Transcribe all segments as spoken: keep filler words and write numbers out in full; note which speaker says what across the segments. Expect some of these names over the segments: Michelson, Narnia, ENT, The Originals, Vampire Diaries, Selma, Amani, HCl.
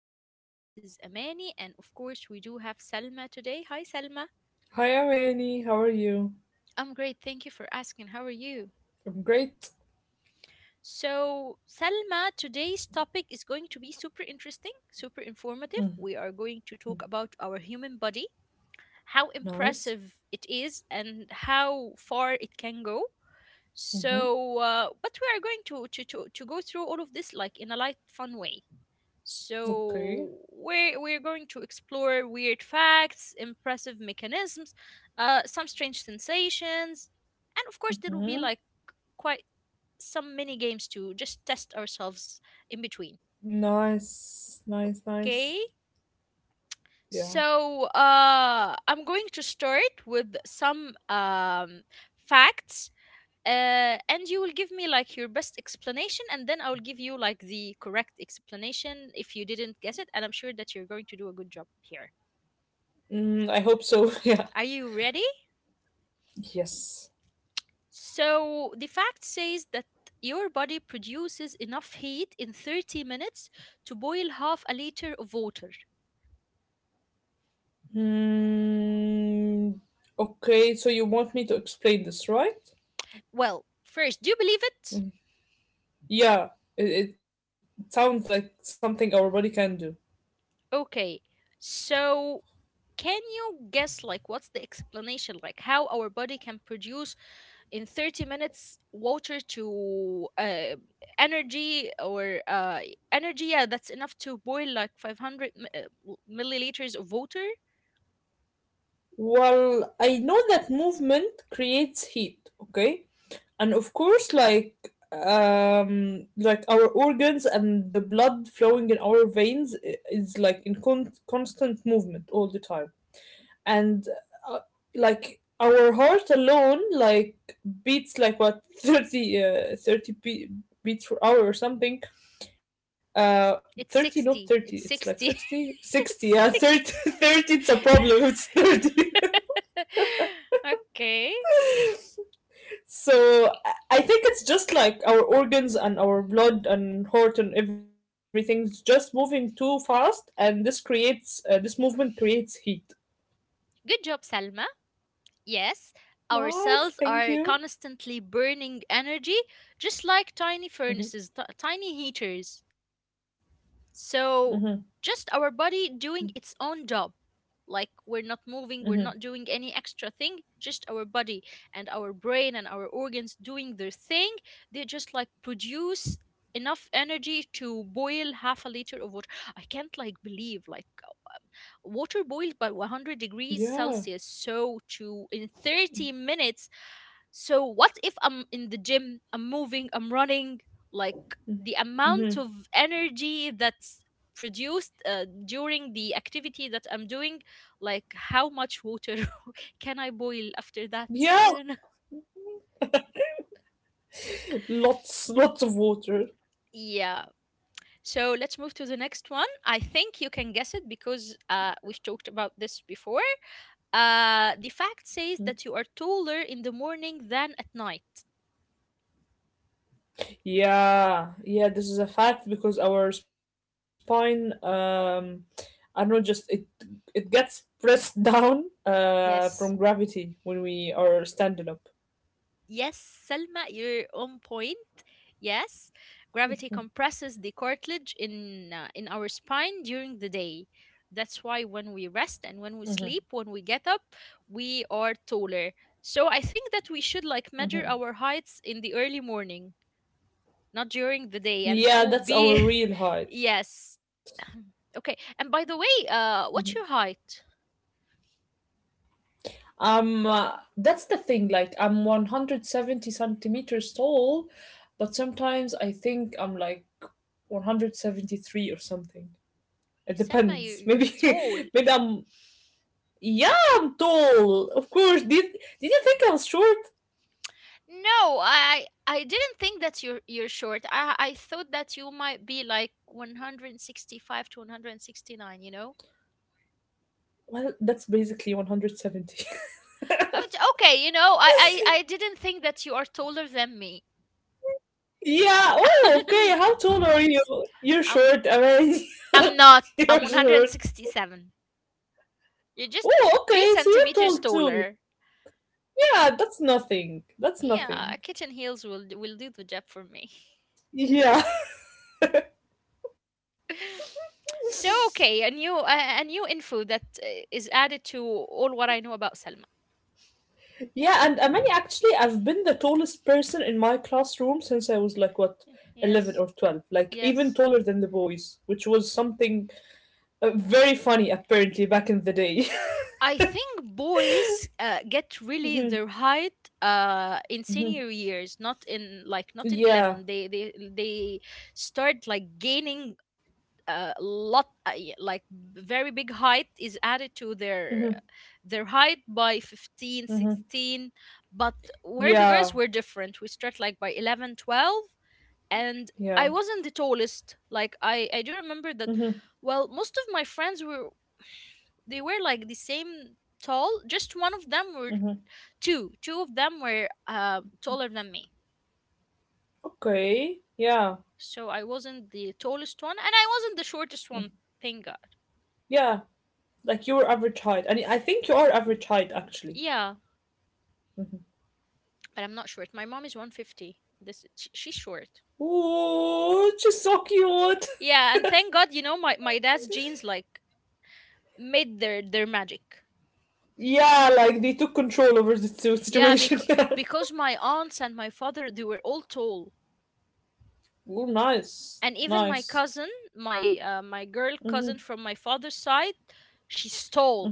Speaker 1: podcast. This is Amani, and of course, we do have Selma today. Hi, Selma.
Speaker 2: Hi, Amani. How are you?
Speaker 1: I'm great. Thank you for asking. How are you?
Speaker 2: I'm great.
Speaker 1: So, Selma, today's topic is going to be super interesting, super informative. We are going to talk about our human body, how
Speaker 2: Nice.
Speaker 1: impressive it is, and how far it can go.
Speaker 2: Mm-hmm.
Speaker 1: So, uh, but we are going to, to, to, to go through all of this like in a light, fun way.
Speaker 2: Okay.
Speaker 1: So we're we're going to explore weird facts, impressive mechanisms, uh, some strange sensations, and of course there will be
Speaker 2: Mm-hmm.
Speaker 1: like quite some mini games to just test ourselves in between.
Speaker 2: Nice. Nice. Nice.
Speaker 1: Okay,
Speaker 2: Yeah.
Speaker 1: so uh, I'm going to start with some um, facts, uh, and you will give me like your best explanation, and then I will give you like the correct explanation if you didn't guess it, and I'm sure that you're going to do a good job here.
Speaker 2: Mm, I hope so. yeah.
Speaker 1: Are you ready?
Speaker 2: Yes.
Speaker 1: So, the fact says that your body produces enough heat in thirty minutes to boil half a liter of water.
Speaker 2: Mm, okay. So you want me to explain this, right?
Speaker 1: Well, first, do you believe it?
Speaker 2: Mm. Yeah. It, it sounds like something our body can do.
Speaker 1: Okay. So, can you guess like what's the explanation, like how our body can produce in thirty minutes water to, uh, energy, or, uh, energy, yeah, that's enough to boil like five hundred mi- uh, w- milliliters of water.
Speaker 2: Well, I know that movement creates heat. Okay. And of course, like um like our organs and the blood flowing in our veins i- is like in con- constant movement all the time. And uh, like our heart alone, like beats like what thirty uh, thirty be- beats per hour or something. uh thirty,
Speaker 1: It's
Speaker 2: not thirty,
Speaker 1: sixty.
Speaker 2: it's like
Speaker 1: It's
Speaker 2: sixty,
Speaker 1: sixty.
Speaker 2: sixty. Yeah,
Speaker 1: It's
Speaker 2: thirty,
Speaker 1: sixty.
Speaker 2: thirty. It's a problem, it's thirty.
Speaker 1: Okay.
Speaker 2: So I think it's just like our organs and our blood and heart and everything's just moving too fast, and this creates uh, this movement creates heat.
Speaker 1: Good job, Salma. Yes, our cells
Speaker 2: Nice,
Speaker 1: are
Speaker 2: thank you.
Speaker 1: constantly burning energy, just like tiny furnaces, t-
Speaker 2: Hmm.
Speaker 1: tiny heaters. So, just our body doing its own job. Like, we're not moving, we're not doing
Speaker 2: Hmm.
Speaker 1: any extra thing, just our body and our brain and our organs doing their thing. They just like produce enough energy to boil half a liter of water. I can't like believe like. Water boiled by one hundred degrees
Speaker 2: Yeah.
Speaker 1: Celsius, so to in thirty minutes. So what if I'm in the gym, I'm moving, I'm running, like the amount of
Speaker 2: Hmm.
Speaker 1: energy that's produced, uh, during the activity that I'm doing, like how much water can I boil after that?
Speaker 2: Yeah,
Speaker 1: I don't know.
Speaker 2: lots lots of water.
Speaker 1: Yeah. So let's move to the next one. I think you can guess it because uh, we've talked about this before. Uh, the fact says
Speaker 2: Mhm.
Speaker 1: that you are taller in the morning than at night.
Speaker 2: Yeah, yeah. This is a fact because our spine, um, I don't know, just it it gets pressed down uh from
Speaker 1: Yes.
Speaker 2: gravity when we are standing up.
Speaker 1: Yes, Selma, you're on point. Yes. Gravity compresses the cartilage in uh, in our spine during the day. That's why when we rest and when we sleep, when we get up, we are taller. So I think that we should like measure our heights in the early morning, not during the day, and that
Speaker 2: Yeah,
Speaker 1: will
Speaker 2: that's our
Speaker 1: be
Speaker 2: real height.
Speaker 1: yes. Okay. And by the way,
Speaker 2: Mhm.
Speaker 1: uh what's your height?
Speaker 2: Um, uh, that's the thing. Like, I'm one hundred seventy centimeters tall, but sometimes I think I'm like one hundred seventy-three or something.
Speaker 1: You
Speaker 2: It
Speaker 1: Selma, you,
Speaker 2: depends.
Speaker 1: you're
Speaker 2: Maybe,
Speaker 1: tall.
Speaker 2: maybe I'm. Yeah, I'm tall. Of course. Did Did you think I was short?
Speaker 1: No, I I didn't think that you're you're short. I I thought that you might be like one hundred sixty-five to one hundred sixty-nine, you know?
Speaker 2: Well, that's basically one hundred seventy.
Speaker 1: Oh, it's okay, you know, I, I I didn't think that you are taller than me.
Speaker 2: yeah. Oh, okay. How tall are you? You're
Speaker 1: I'm
Speaker 2: short. I mean,
Speaker 1: I'm not. I'm
Speaker 2: you're short.
Speaker 1: one hundred sixty-seven. You're just
Speaker 2: Oh,
Speaker 1: three
Speaker 2: okay. So you're
Speaker 1: centimeters
Speaker 2: tall.
Speaker 1: taller.
Speaker 2: Yeah, that's nothing. That's
Speaker 1: Yeah,
Speaker 2: nothing.
Speaker 1: a kitten heels will d- will do the job for me.
Speaker 2: Yeah.
Speaker 1: So okay, a new a, a new info that uh, is added to all what I know about Selma.
Speaker 2: Yeah, and Amani, actually, I've been the tallest person in my classroom since I was like, what, eleven
Speaker 1: Yes,
Speaker 2: or twelve. Like, even
Speaker 1: yes.
Speaker 2: taller than the boys, which was something uh, very funny, apparently, back in the day.
Speaker 1: I think boys uh, get really their height uh, in senior years, not in like not in
Speaker 2: Yeah.
Speaker 1: eleven. They they they start like gaining uh, a lot, uh, y- like very big height is added to their their height by fifteen,
Speaker 2: Hmm.
Speaker 1: sixteen. But where the
Speaker 2: Yeah.
Speaker 1: girls were different, we start like by eleven, twelve. And
Speaker 2: Yeah.
Speaker 1: I wasn't the tallest. Like, I, I do remember
Speaker 2: Hmm.
Speaker 1: that. Well, most of my friends were, they were like the same tall. Just one of them were,
Speaker 2: Hmm.
Speaker 1: two. Two of them were uh, taller than me.
Speaker 2: Okay. Yeah.
Speaker 1: So I wasn't the tallest one, and I wasn't the shortest one. Thank God.
Speaker 2: Yeah. Like, you were average height. I mean, I think you are average height, actually.
Speaker 1: Yeah, but I'm not short. My mom is one fifty. This sh- she's short.
Speaker 2: Oh, she's so cute.
Speaker 1: Yeah, and thank God, you know, my my dad's genes like made their their magic.
Speaker 2: Yeah, like they took control over the situ-
Speaker 1: Yeah,
Speaker 2: situation.
Speaker 1: because
Speaker 2: Yeah.
Speaker 1: because my aunts and my father, they were all tall,
Speaker 2: Ooh, nice,
Speaker 1: and even my
Speaker 2: nice.
Speaker 1: cousin, my uh, my girl cousin from my father's side, she
Speaker 2: Mm-hmm.
Speaker 1: stole.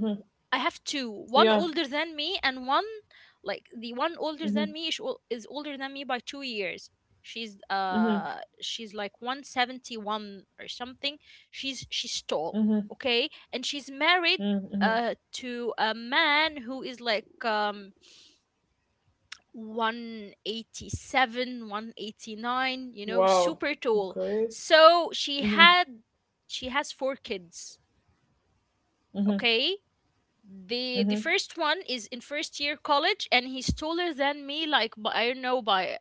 Speaker 1: I have two, one
Speaker 2: Yeah.
Speaker 1: older than me and one, like the one older
Speaker 2: Mm-hmm.
Speaker 1: than me is, ol- is older than me by two years. She's
Speaker 2: Mm-hmm.
Speaker 1: uh she's like one seventy-one or something. She's she's
Speaker 2: Mm-hmm.
Speaker 1: tall. Okay, and she's married
Speaker 2: Mm-hmm. Mm-hmm.
Speaker 1: uh to a man who is like um one eighty-seven one eighty-nine, you know
Speaker 2: Wow.
Speaker 1: super tall.
Speaker 2: Okay.
Speaker 1: So she
Speaker 2: Mm-hmm.
Speaker 1: had she has four kids.
Speaker 2: Mm-hmm.
Speaker 1: Okay, the the
Speaker 2: Mm-hmm.
Speaker 1: first one is in first year college, and he's taller than me like by, I don't know, by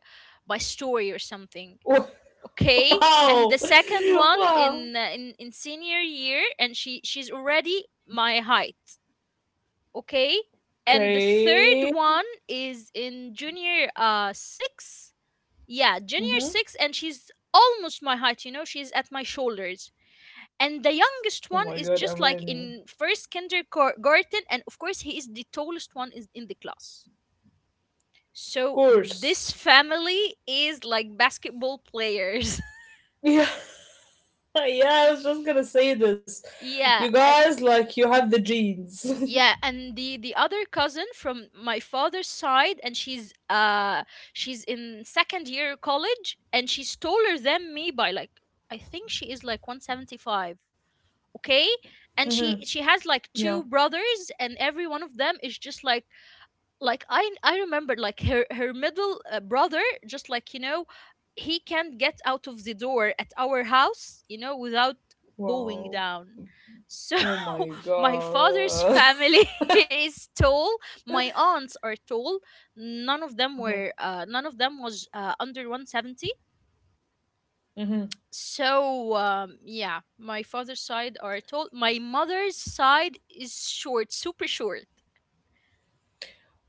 Speaker 1: by story or something. Okay, and the
Speaker 2: Wow.
Speaker 1: second one
Speaker 2: Wow.
Speaker 1: in uh, in, in senior year, and she she's already my height. Okay, and the third
Speaker 2: Okay.
Speaker 1: one is in junior uh six. Yeah, junior
Speaker 2: Mm-hmm.
Speaker 1: six, and she's almost my height, you know, she's at my shoulders. And the
Speaker 2: Oh my
Speaker 1: youngest one
Speaker 2: God,
Speaker 1: is just
Speaker 2: amazing.
Speaker 1: like in first kindergarten, and of course, he is the tallest one is in the class.
Speaker 2: Of
Speaker 1: So
Speaker 2: course.
Speaker 1: this family is like basketball players.
Speaker 2: Yeah. Yeah, I was just gonna say this. You
Speaker 1: Yeah, and,
Speaker 2: guys, like, you have the genes.
Speaker 1: yeah, and the the other cousin from my father's side, and she's uh she's in second year college, and she's taller than me by like, I think she is like one seventy five. Okay,
Speaker 2: Mm-hmm.
Speaker 1: and she she has like
Speaker 2: Yeah.
Speaker 1: two brothers, and every one of them is just like like, I I remember like her her middle uh, brother just like, you know he can't get out of the door at our house you know without bowing
Speaker 2: Wow.
Speaker 1: down. So,
Speaker 2: Oh my
Speaker 1: my father's
Speaker 2: God.
Speaker 1: family is tall. My aunts are tall. None of them were uh, none of them was uh, under one seventy.
Speaker 2: Mhm.
Speaker 1: So, um, yeah, my father's side are tall, my mother's side is short, super short.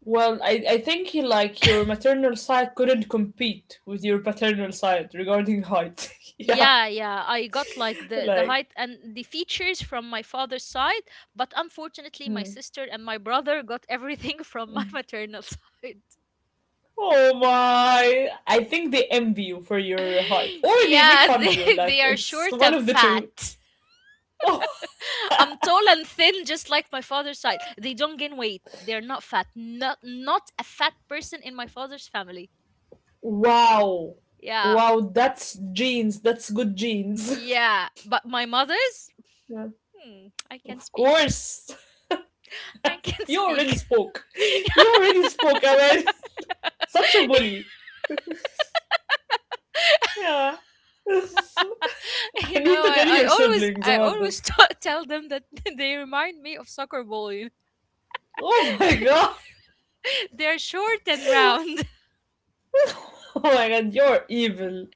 Speaker 2: Well, I, I think he, like your maternal side couldn't compete with your paternal side regarding height. yeah,
Speaker 1: Yeah, yeah, I got like the the
Speaker 2: like
Speaker 1: height and the features from my father's side. But unfortunately, my
Speaker 2: hmm.
Speaker 1: sister and my brother got everything from my maternal side.
Speaker 2: Oh my! I think they envy you for your height, or they make
Speaker 1: Yeah,
Speaker 2: fun of
Speaker 1: they,
Speaker 2: you. Like
Speaker 1: they are
Speaker 2: it's
Speaker 1: short
Speaker 2: one
Speaker 1: and
Speaker 2: of the two.
Speaker 1: fat.
Speaker 2: Oh,
Speaker 1: I'm tall and thin just like my father's side. They don't gain weight, they're not fat, not not a fat person in my father's family.
Speaker 2: wow,
Speaker 1: Yeah.
Speaker 2: wow! That's genes. That's good genes.
Speaker 1: Yeah, but my mother's,
Speaker 2: yeah.
Speaker 1: hmm,
Speaker 2: Of
Speaker 1: I can speak.
Speaker 2: course,
Speaker 1: I
Speaker 2: you
Speaker 1: can
Speaker 2: already
Speaker 1: speak.
Speaker 2: spoke. You already spoke, I mean, such a bully. Yeah. I
Speaker 1: You
Speaker 2: need
Speaker 1: know,
Speaker 2: to tell
Speaker 1: I, I
Speaker 2: your
Speaker 1: always
Speaker 2: siblings
Speaker 1: I
Speaker 2: about
Speaker 1: always
Speaker 2: this.
Speaker 1: t- tell them that they remind me of soccer ball. you know.
Speaker 2: Oh my god.
Speaker 1: They're short and round.
Speaker 2: Oh my god, you're evil.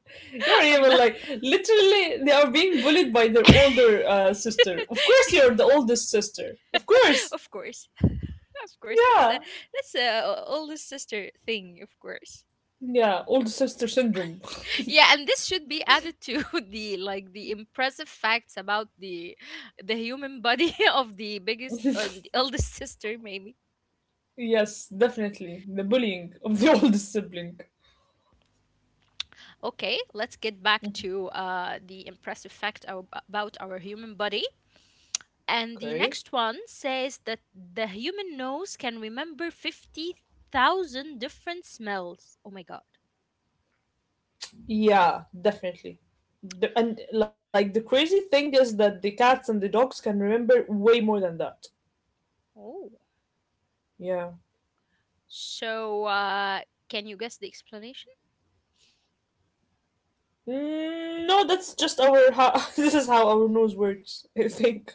Speaker 2: You're
Speaker 1: I'm
Speaker 2: evil.
Speaker 1: not.
Speaker 2: Like, literally, they are being bullied by their older uh, sister. Of course, you're the oldest sister. Of course.
Speaker 1: Of course. Of course, that's
Speaker 2: Yeah.
Speaker 1: a that's a oldest sister thing, of course.
Speaker 2: Yeah, older sister syndrome.
Speaker 1: Yeah, and this should be added to the like the impressive facts about the the human body of the biggest and the eldest sister, maybe.
Speaker 2: yes, definitely. The bullying of the oldest sibling.
Speaker 1: Okay, let's get back to uh, the impressive fact ab- about our human body. And
Speaker 2: Okay.
Speaker 1: the next one says that the human nose can remember fifty thousand different smells. Oh my God.
Speaker 2: Yeah, definitely. The, and like the crazy thing is that the cats and the dogs can remember way more than that.
Speaker 1: Oh.
Speaker 2: Yeah.
Speaker 1: So, uh, can you guess the explanation?
Speaker 2: Mm, no, that's just our how this is how our nose works, I think.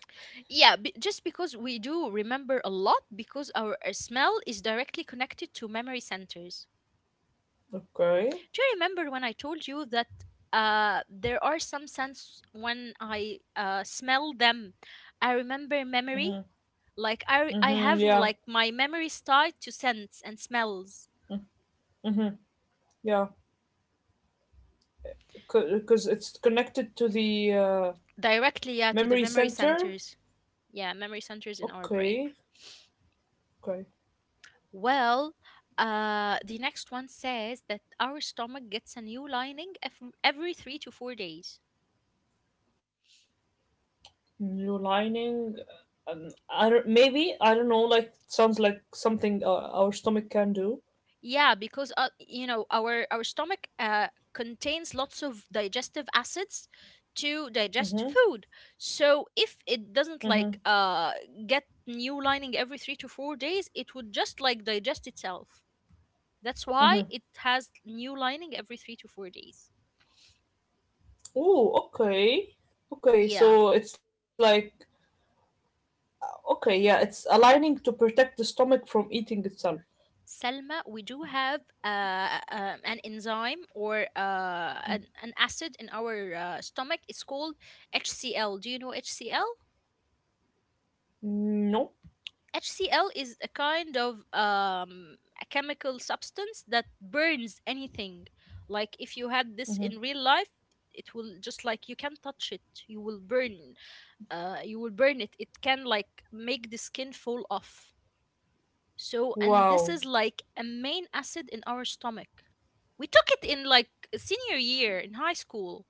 Speaker 1: Yeah, b- just because we do remember a lot because our uh, smell is directly connected to memory centers.
Speaker 2: Okay.
Speaker 1: Do you remember when I told you that uh, there are some scents when I uh, smell them, I remember memory? Like, I, re- I
Speaker 2: Mm-hmm,
Speaker 1: have m-
Speaker 2: yeah.
Speaker 1: like my memories tied to scents and smells,
Speaker 2: Mm-hmm, yeah. Because it's connected to the uh,
Speaker 1: directly,
Speaker 2: memory
Speaker 1: yeah, to the memory
Speaker 2: center.
Speaker 1: centers. Yeah, memory centers in our
Speaker 2: Okay.
Speaker 1: brain.
Speaker 2: Okay.
Speaker 1: Well, uh, the next one says that our stomach gets a new lining ev- every three to four days.
Speaker 2: New lining. Um, I don't, maybe I don't know. Like sounds like something uh, our stomach can do.
Speaker 1: Yeah, because uh, you know our our stomach uh, contains lots of digestive acids to digest
Speaker 2: Mm-hmm.
Speaker 1: food. So if it
Speaker 2: Mm-hmm.
Speaker 1: doesn't like uh, get new lining every three to four days, it would just like digest itself. That's why
Speaker 2: Mm-hmm.
Speaker 1: it has new lining every three to four days.
Speaker 2: Ooh. Okay. Okay.
Speaker 1: Yeah.
Speaker 2: So it's like okay. Yeah. It's aligning to protect the stomach from eating itself.
Speaker 1: Selma, we do have uh, uh, an enzyme or uh, an, an acid in our uh, stomach. It's called HCl. Do you know HCl?
Speaker 2: No.
Speaker 1: HCl is a kind of um, a chemical substance that burns anything. Like if you had this in
Speaker 2: Mhm.
Speaker 1: real life, it will just like you can touch it. You will burn. Uh, you will burn it. It can like make the skin fall off. So and this
Speaker 2: Wow.
Speaker 1: is like a main acid in our stomach. We took it in like senior year in high school.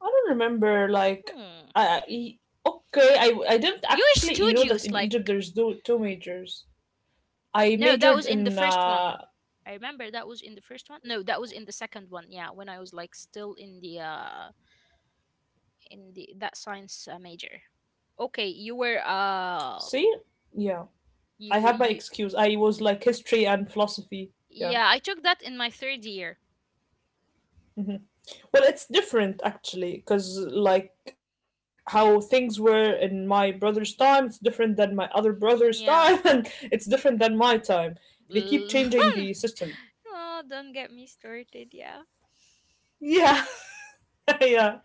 Speaker 2: I don't remember. Like, I,
Speaker 1: Hmm.
Speaker 2: I e, okay. I I didn't
Speaker 1: You're
Speaker 2: actually. You know that
Speaker 1: studious,
Speaker 2: in Egypt
Speaker 1: like.
Speaker 2: there's two two majors.
Speaker 1: No,
Speaker 2: I
Speaker 1: that was in the
Speaker 2: majored
Speaker 1: first
Speaker 2: in.
Speaker 1: one.
Speaker 2: Uh,
Speaker 1: I remember that was in the first one. No, that was in the second one. Yeah, when I was like still in the uh in the, that science uh, major. Okay, you were uh
Speaker 2: see, yeah.
Speaker 1: you
Speaker 2: I have
Speaker 1: you
Speaker 2: my excuse. I was like history and philosophy.
Speaker 1: yeah, I
Speaker 2: Yeah.
Speaker 1: took that in my third year.
Speaker 2: Well, it's different actually, because like how things were in my brother's time, it's different than my other brother's
Speaker 1: Yeah.
Speaker 2: time, and it's different than my time. They keep
Speaker 1: L-
Speaker 2: changing the system.
Speaker 1: oh, don't get me started. Yeah.
Speaker 2: Yeah, yeah.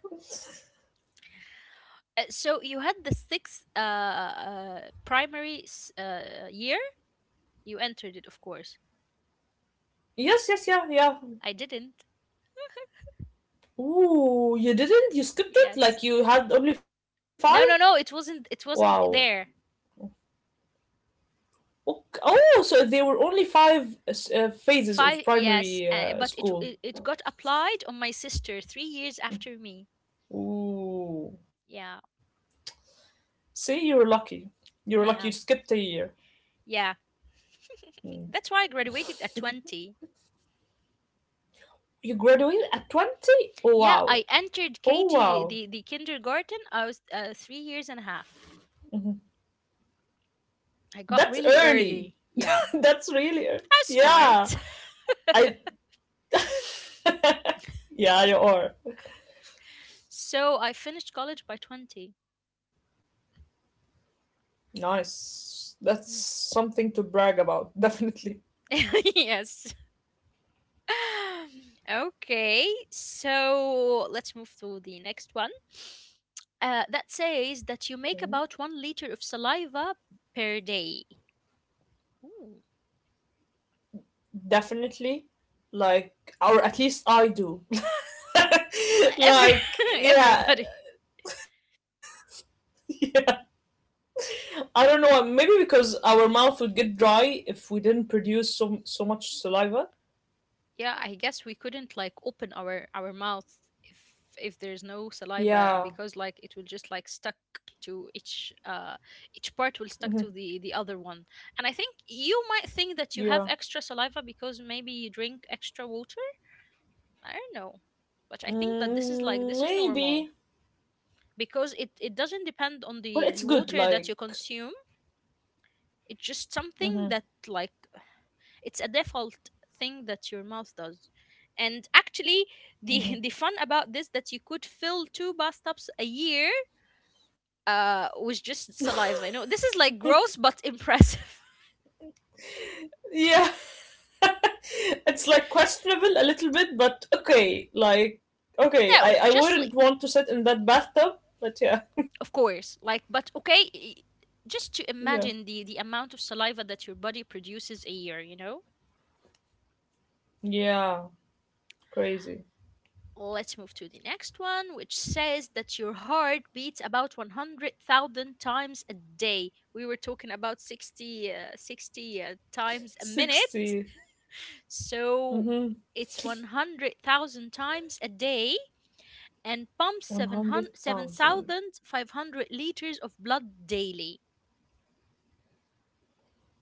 Speaker 1: Uh, so you had the sixth uh, uh primary s- uh year. You entered it, of course.
Speaker 2: Yes, yes, yeah, yeah.
Speaker 1: I didn't.
Speaker 2: Ooh, you didn't? You skipped it?
Speaker 1: Yes.
Speaker 2: Like you had only five?
Speaker 1: No, no, no. It wasn't. It
Speaker 2: Wow.
Speaker 1: wasn't there.
Speaker 2: Ok- Oh, so there were only five uh, phases of
Speaker 1: Five, yes,
Speaker 2: primary
Speaker 1: uh,
Speaker 2: uh,
Speaker 1: but it,
Speaker 2: school.
Speaker 1: it it got applied on my sister three years after me.
Speaker 2: Ooh.
Speaker 1: Yeah,
Speaker 2: See, you were lucky. You were
Speaker 1: I
Speaker 2: lucky you
Speaker 1: am.
Speaker 2: skipped a year.
Speaker 1: Yeah, that's why I graduated at twenty.
Speaker 2: You graduated at twenty? Oh,
Speaker 1: Yeah,
Speaker 2: wow.
Speaker 1: I entered
Speaker 2: Oh,
Speaker 1: K G,
Speaker 2: wow.
Speaker 1: the the kindergarten. I was uh, three years and a
Speaker 2: Mhm.
Speaker 1: half.
Speaker 2: That's
Speaker 1: I got really
Speaker 2: early.
Speaker 1: early. Yeah,
Speaker 2: That's really early.
Speaker 1: I was
Speaker 2: Yeah.
Speaker 1: smart.
Speaker 2: I, yeah, you are.
Speaker 1: So I finished college by twenty.
Speaker 2: Nice. That's
Speaker 1: Mm.
Speaker 2: something to brag about, definitely.
Speaker 1: Yes. Okay, so let's move to the next one. Uh, that says
Speaker 2: Okay.
Speaker 1: that you make about one liter of saliva per day. Ooh.
Speaker 2: Definitely. Like, or at least I do.
Speaker 1: Like, every
Speaker 2: like, yeah,
Speaker 1: everybody.
Speaker 2: yeah. I don't know. Maybe because our mouth would get dry if we didn't produce so so much saliva.
Speaker 1: Yeah, I guess we couldn't like open our our mouth if if there's no saliva,
Speaker 2: Yeah,
Speaker 1: because like it will just like stuck to each uh each part, will stuck to the the other one. And I think you might think that you
Speaker 2: yeah.
Speaker 1: have extra saliva because maybe you drink extra water. I don't know, but I think that this is like
Speaker 2: Mm,
Speaker 1: this is normal,
Speaker 2: maybe.
Speaker 1: because it it doesn't
Speaker 2: Well, it's
Speaker 1: depend on
Speaker 2: good.
Speaker 1: the the
Speaker 2: Like,
Speaker 1: water that you consume. It's just
Speaker 2: mhm.
Speaker 1: something that like it's a default thing that your mouth does. And actually, the the fun about this that you could fill two bathtubs a year uh with just saliva. You know, this is like gross but impressive.
Speaker 2: Yeah, it's like questionable a little bit, but okay. Like, okay.
Speaker 1: No,
Speaker 2: I I
Speaker 1: just
Speaker 2: wouldn't
Speaker 1: like
Speaker 2: want to sit in that bathtub, but yeah,
Speaker 1: of course, like but okay. i-
Speaker 2: yeah,
Speaker 1: Just to imagine the the amount of saliva that your body produces a year, you know
Speaker 2: yeah. Crazy.
Speaker 1: Let's move to the next one, which says that your heart beats about one hundred thousand times a day. We were talking about sixty, uh, sixty uh, times a
Speaker 2: sixty.
Speaker 1: minute. So
Speaker 2: Mm-hmm.
Speaker 1: it's one hundred thousand times a day and pumps 700
Speaker 2: one hundred thousand.
Speaker 1: 7,500 liters of blood daily.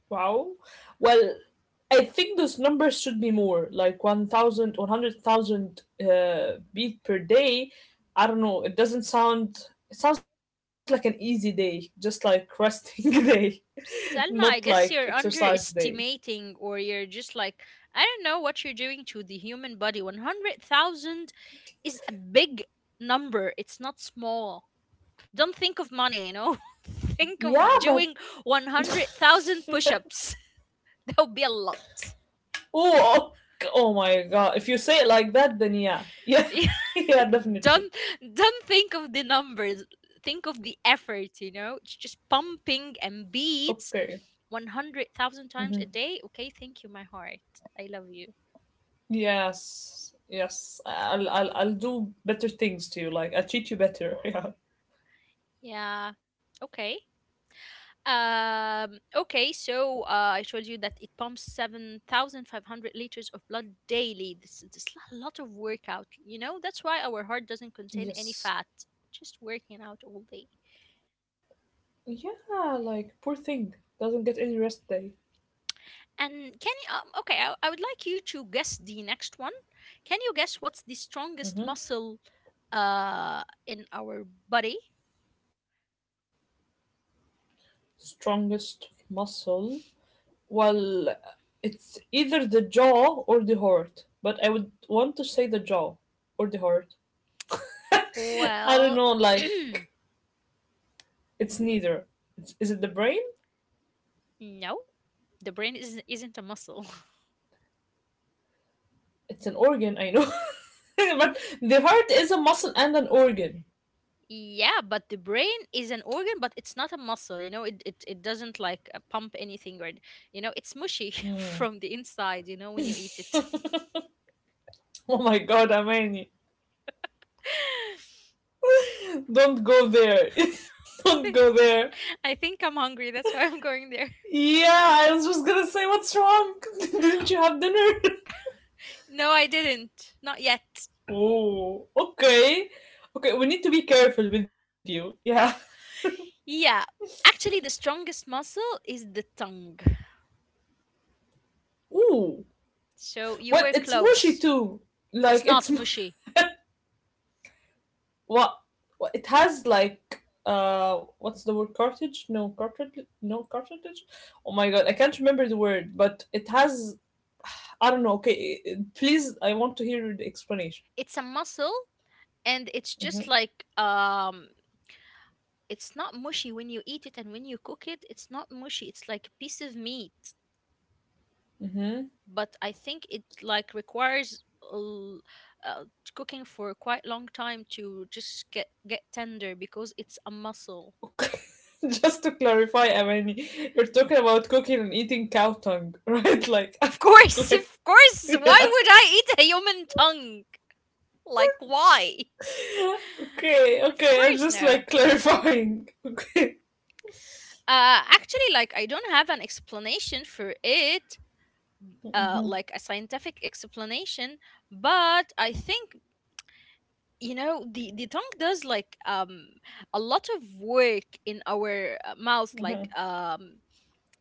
Speaker 2: Wow. Well, I think those numbers should be more like one thousand, one hundred thousand. uh, beat per day. I don't know. It doesn't sound, it sounds like an easy day, just like resting day, not
Speaker 1: Selma, I
Speaker 2: like
Speaker 1: guess you're
Speaker 2: exercise day.
Speaker 1: underestimating, or you're just like, I don't know what you're doing to the human body. one hundred thousand is a big number. It's not small. Don't think of money, you know? Think of
Speaker 2: Yeah, but
Speaker 1: doing one hundred thousand push ups. That would be a lot.
Speaker 2: oh, ok- oh my god. If you say it like that, then yeah. Yeah,
Speaker 1: Yeah,
Speaker 2: yeah, definitely.
Speaker 1: don't don't think of the numbers think of the effort you know It's just pumping and beats
Speaker 2: Okay.
Speaker 1: one hundred thousand times a day. Okay, thank you, my heart. I love you.
Speaker 2: Yes, yes. I'll I'll I'll do better things to you. Like I'll treat you better.
Speaker 1: Yeah. Okay. Um, okay, so uh, I told you that it pumps seven thousand five hundred liters of blood daily. This is a lot of workout, you know? That's why our heart doesn't
Speaker 2: Yeah.
Speaker 1: contain any
Speaker 2: Yes.
Speaker 1: fat, just working out all day.
Speaker 2: Yeah, like poor thing doesn't get any rest day.
Speaker 1: And can you, um, okay, I, I would like you to guess the next one. Can you guess what's the strongest
Speaker 2: Hmm.
Speaker 1: muscle uh, in our body?
Speaker 2: Strongest muscle. Well, it's either the jaw or the heart, but I would want to say the jaw or the heart. I don't
Speaker 1: Well,
Speaker 2: know. Like
Speaker 1: no,
Speaker 2: it's neither. It's, is it the brain?
Speaker 1: the brain isn't, isn't a muscle.
Speaker 2: It's an organ. I know, but the heart is a muscle and an organ.
Speaker 1: Yeah, but the brain is an organ, but it's not a muscle. You know, it it, it doesn't like uh, pump anything, or you know, it's mushy from the inside. You know, when you eat it.
Speaker 2: Oh my god, Amani. Don't go there. Don't go there.
Speaker 1: I think I'm hungry. That's why I'm going there.
Speaker 2: Yeah, I was just gonna say, what's wrong? Didn't you have dinner?
Speaker 1: No, I didn't. Not yet.
Speaker 2: oh, okay. Okay, we need to be careful with you. Yeah.
Speaker 1: Yeah, actually, the strongest muscle is the tongue.
Speaker 2: Ooh.
Speaker 1: So you
Speaker 2: What?
Speaker 1: were
Speaker 2: It's mushy
Speaker 1: close.
Speaker 2: too.
Speaker 1: It's
Speaker 2: Like, it's.
Speaker 1: not mushy.
Speaker 2: What? What it has, like. Uh, what's the word? Cartridge? No, cartridge? No, cartridge? Oh my god, I can't remember the word, but it has. I don't know. Okay, please, I want to hear the explanation.
Speaker 1: It's a muscle, and it's just
Speaker 2: Hmm.
Speaker 1: like, um it's not mushy when you eat it. And when you cook it, it's not mushy. It's like a piece of meat, but I think it like requires a l- uh, cooking for quite long time to just get get tender because it's a muscle.
Speaker 2: Just to clarify, Amani, you're talking about cooking and eating cow tongue, right? Like,
Speaker 1: Of course,
Speaker 2: like,
Speaker 1: of course, why
Speaker 2: yeah.
Speaker 1: would I eat a human tongue? Like, why?
Speaker 2: Okay,
Speaker 1: Mm, of
Speaker 2: okay. I'm
Speaker 1: course
Speaker 2: just
Speaker 1: no.
Speaker 2: like clarifying. Okay.
Speaker 1: Uh actually, like, I don't have an explanation for it, uh like a scientific explanation. But I think, you know the the tongue does like, um a lot of work in our uh, mouth,
Speaker 2: Mhm,
Speaker 1: like, um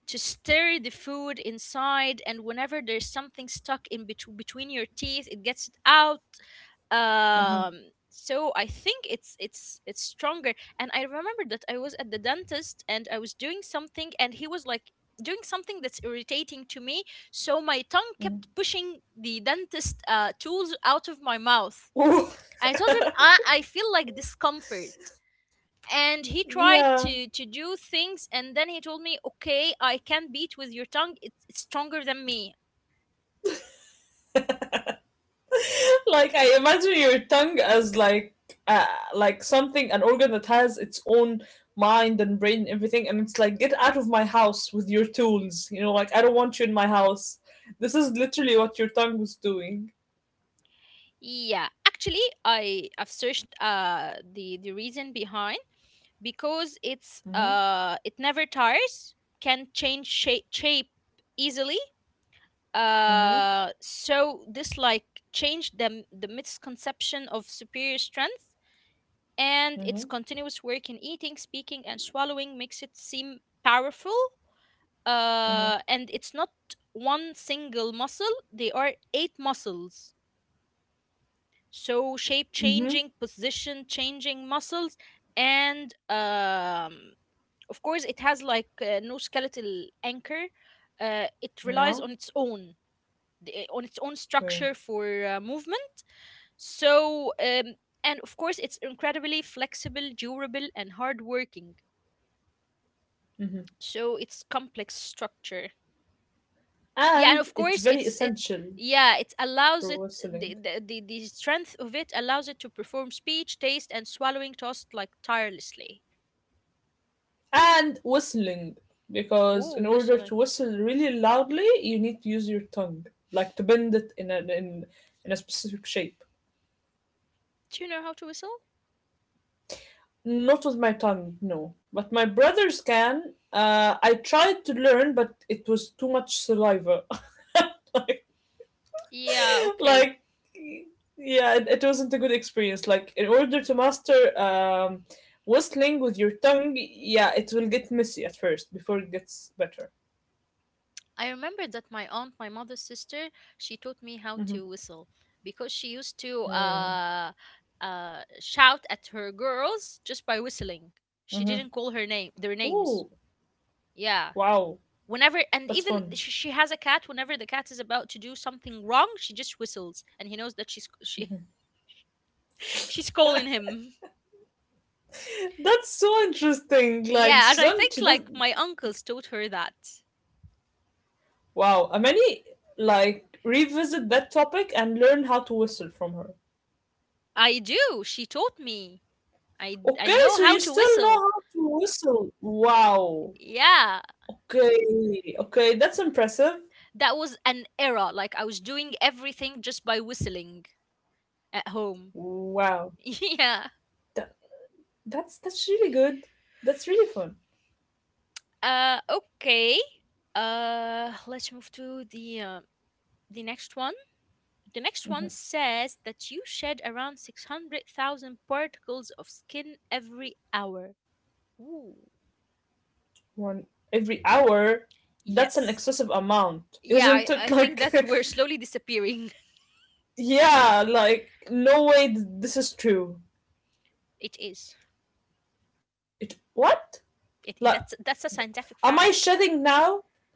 Speaker 1: to stir the food inside. And whenever there's something stuck in betw between your teeth, it gets it out.
Speaker 2: mhm.
Speaker 1: um so I think it's it's it's stronger. And I remember that I was at the dentist and I was doing something, and he was like doing something that's irritating to me, so my tongue kept pushing the dentist uh, tools out of my mouth. I told him, I, I feel like discomfort. And he
Speaker 2: yeah.
Speaker 1: tried to, to do things, and then he told me, Okay, I can beat with your tongue. It's, it's stronger than me.
Speaker 2: Like I imagine your tongue as like uh, like something an organ that has its own mind and brain and everything and it's like get out of my house with your tools, you know, like I don't want you in my house. This is literally what your tongue was doing.
Speaker 1: Yeah. Actually, I, I've searched uh the, the reason behind, because
Speaker 2: Mm-hmm,
Speaker 1: it's uh it never tires, can change shape shape easily.
Speaker 2: mm-hmm.
Speaker 1: Uh, so this like changed the, the misconception of superior strength, and its
Speaker 2: Mhm,
Speaker 1: continuous work in eating, speaking, and swallowing makes it seem powerful.
Speaker 2: mhm,
Speaker 1: Uh, and it's not one single muscle, they are eight muscles. So shape
Speaker 2: mhm.
Speaker 1: changing, position changing muscles, and, um, of course, it has like uh, no skeletal anchor. Uh, it relies
Speaker 2: Yeah,
Speaker 1: on its own, the- eh, on its own
Speaker 2: okay.
Speaker 1: structure for uh, movement. So, um, and of course, it's incredibly flexible, durable, and hardworking. So it's complex structure. Yeah, and
Speaker 2: And
Speaker 1: of
Speaker 2: it's
Speaker 1: course,
Speaker 2: very
Speaker 1: it's it's
Speaker 2: essential
Speaker 1: yeah, it allows
Speaker 2: for
Speaker 1: it the,
Speaker 2: whistling.
Speaker 1: the the the strength of it allows it to perform speech, taste, and swallowing tasks like tirelessly.
Speaker 2: And whistling, because
Speaker 1: Whoa,
Speaker 2: in order
Speaker 1: whistling!
Speaker 2: to whistle really loudly, you need to use your tongue, like to bend it in a in in a specific shape.
Speaker 1: Do you know how to whistle?
Speaker 2: Not with my tongue, no. But my brothers can. Uh, I tried to learn, but it was too much saliva.
Speaker 1: Yeah, okay.
Speaker 2: like yeah it, it wasn't a good experience, like in order to master um whistling with your tongue, yeah, it will get messy at first before it gets better.
Speaker 1: I remember that my aunt, my mother's sister, she taught me how
Speaker 2: Mm-hmm.
Speaker 1: to whistle because she used to
Speaker 2: Mm.
Speaker 1: uh, uh, shout at her girls just by whistling.
Speaker 2: Mm-hmm.
Speaker 1: She didn't call her name, their
Speaker 2: Ooh,
Speaker 1: names. Yeah.
Speaker 2: wow,
Speaker 1: Whenever
Speaker 2: that's
Speaker 1: and even
Speaker 2: fun.
Speaker 1: she, she has a cat. Whenever the cat is about to do something wrong, she just whistles, and he knows that she's, she she's calling him.
Speaker 2: That's so interesting, like
Speaker 1: Yeah,
Speaker 2: she
Speaker 1: and I
Speaker 2: doesn't she
Speaker 1: think like
Speaker 2: doesn't
Speaker 1: my uncles taught her that.
Speaker 2: wow, many like revisit that topic and learn how to whistle from her.
Speaker 1: I do. She taught me. I I
Speaker 2: Okay,
Speaker 1: know
Speaker 2: so
Speaker 1: how
Speaker 2: you
Speaker 1: to
Speaker 2: still know
Speaker 1: whistle.
Speaker 2: how to whistle, wow.
Speaker 1: Yeah.
Speaker 2: Okay, okay, that's impressive.
Speaker 1: That was an era, like I was doing everything just by whistling at home.
Speaker 2: Wow,
Speaker 1: Yeah.
Speaker 2: that, that's that's really good. That's really fun.
Speaker 1: Uh okay, uh let's move to the uh, the next one. The next one says that you shed around six hundred thousand particles of skin every hour. Ooh.
Speaker 2: One every hour, that's an
Speaker 1: Yes.
Speaker 2: excessive amount,
Speaker 1: Yeah.
Speaker 2: isn't
Speaker 1: I,
Speaker 2: it?
Speaker 1: I think
Speaker 2: Like,
Speaker 1: that we're slowly disappearing.
Speaker 2: yeah, like no way th- this is true.
Speaker 1: It is.
Speaker 2: It what? Like,
Speaker 1: It, it- that's that's a
Speaker 2: am I
Speaker 1: scientific fact.
Speaker 2: shedding now?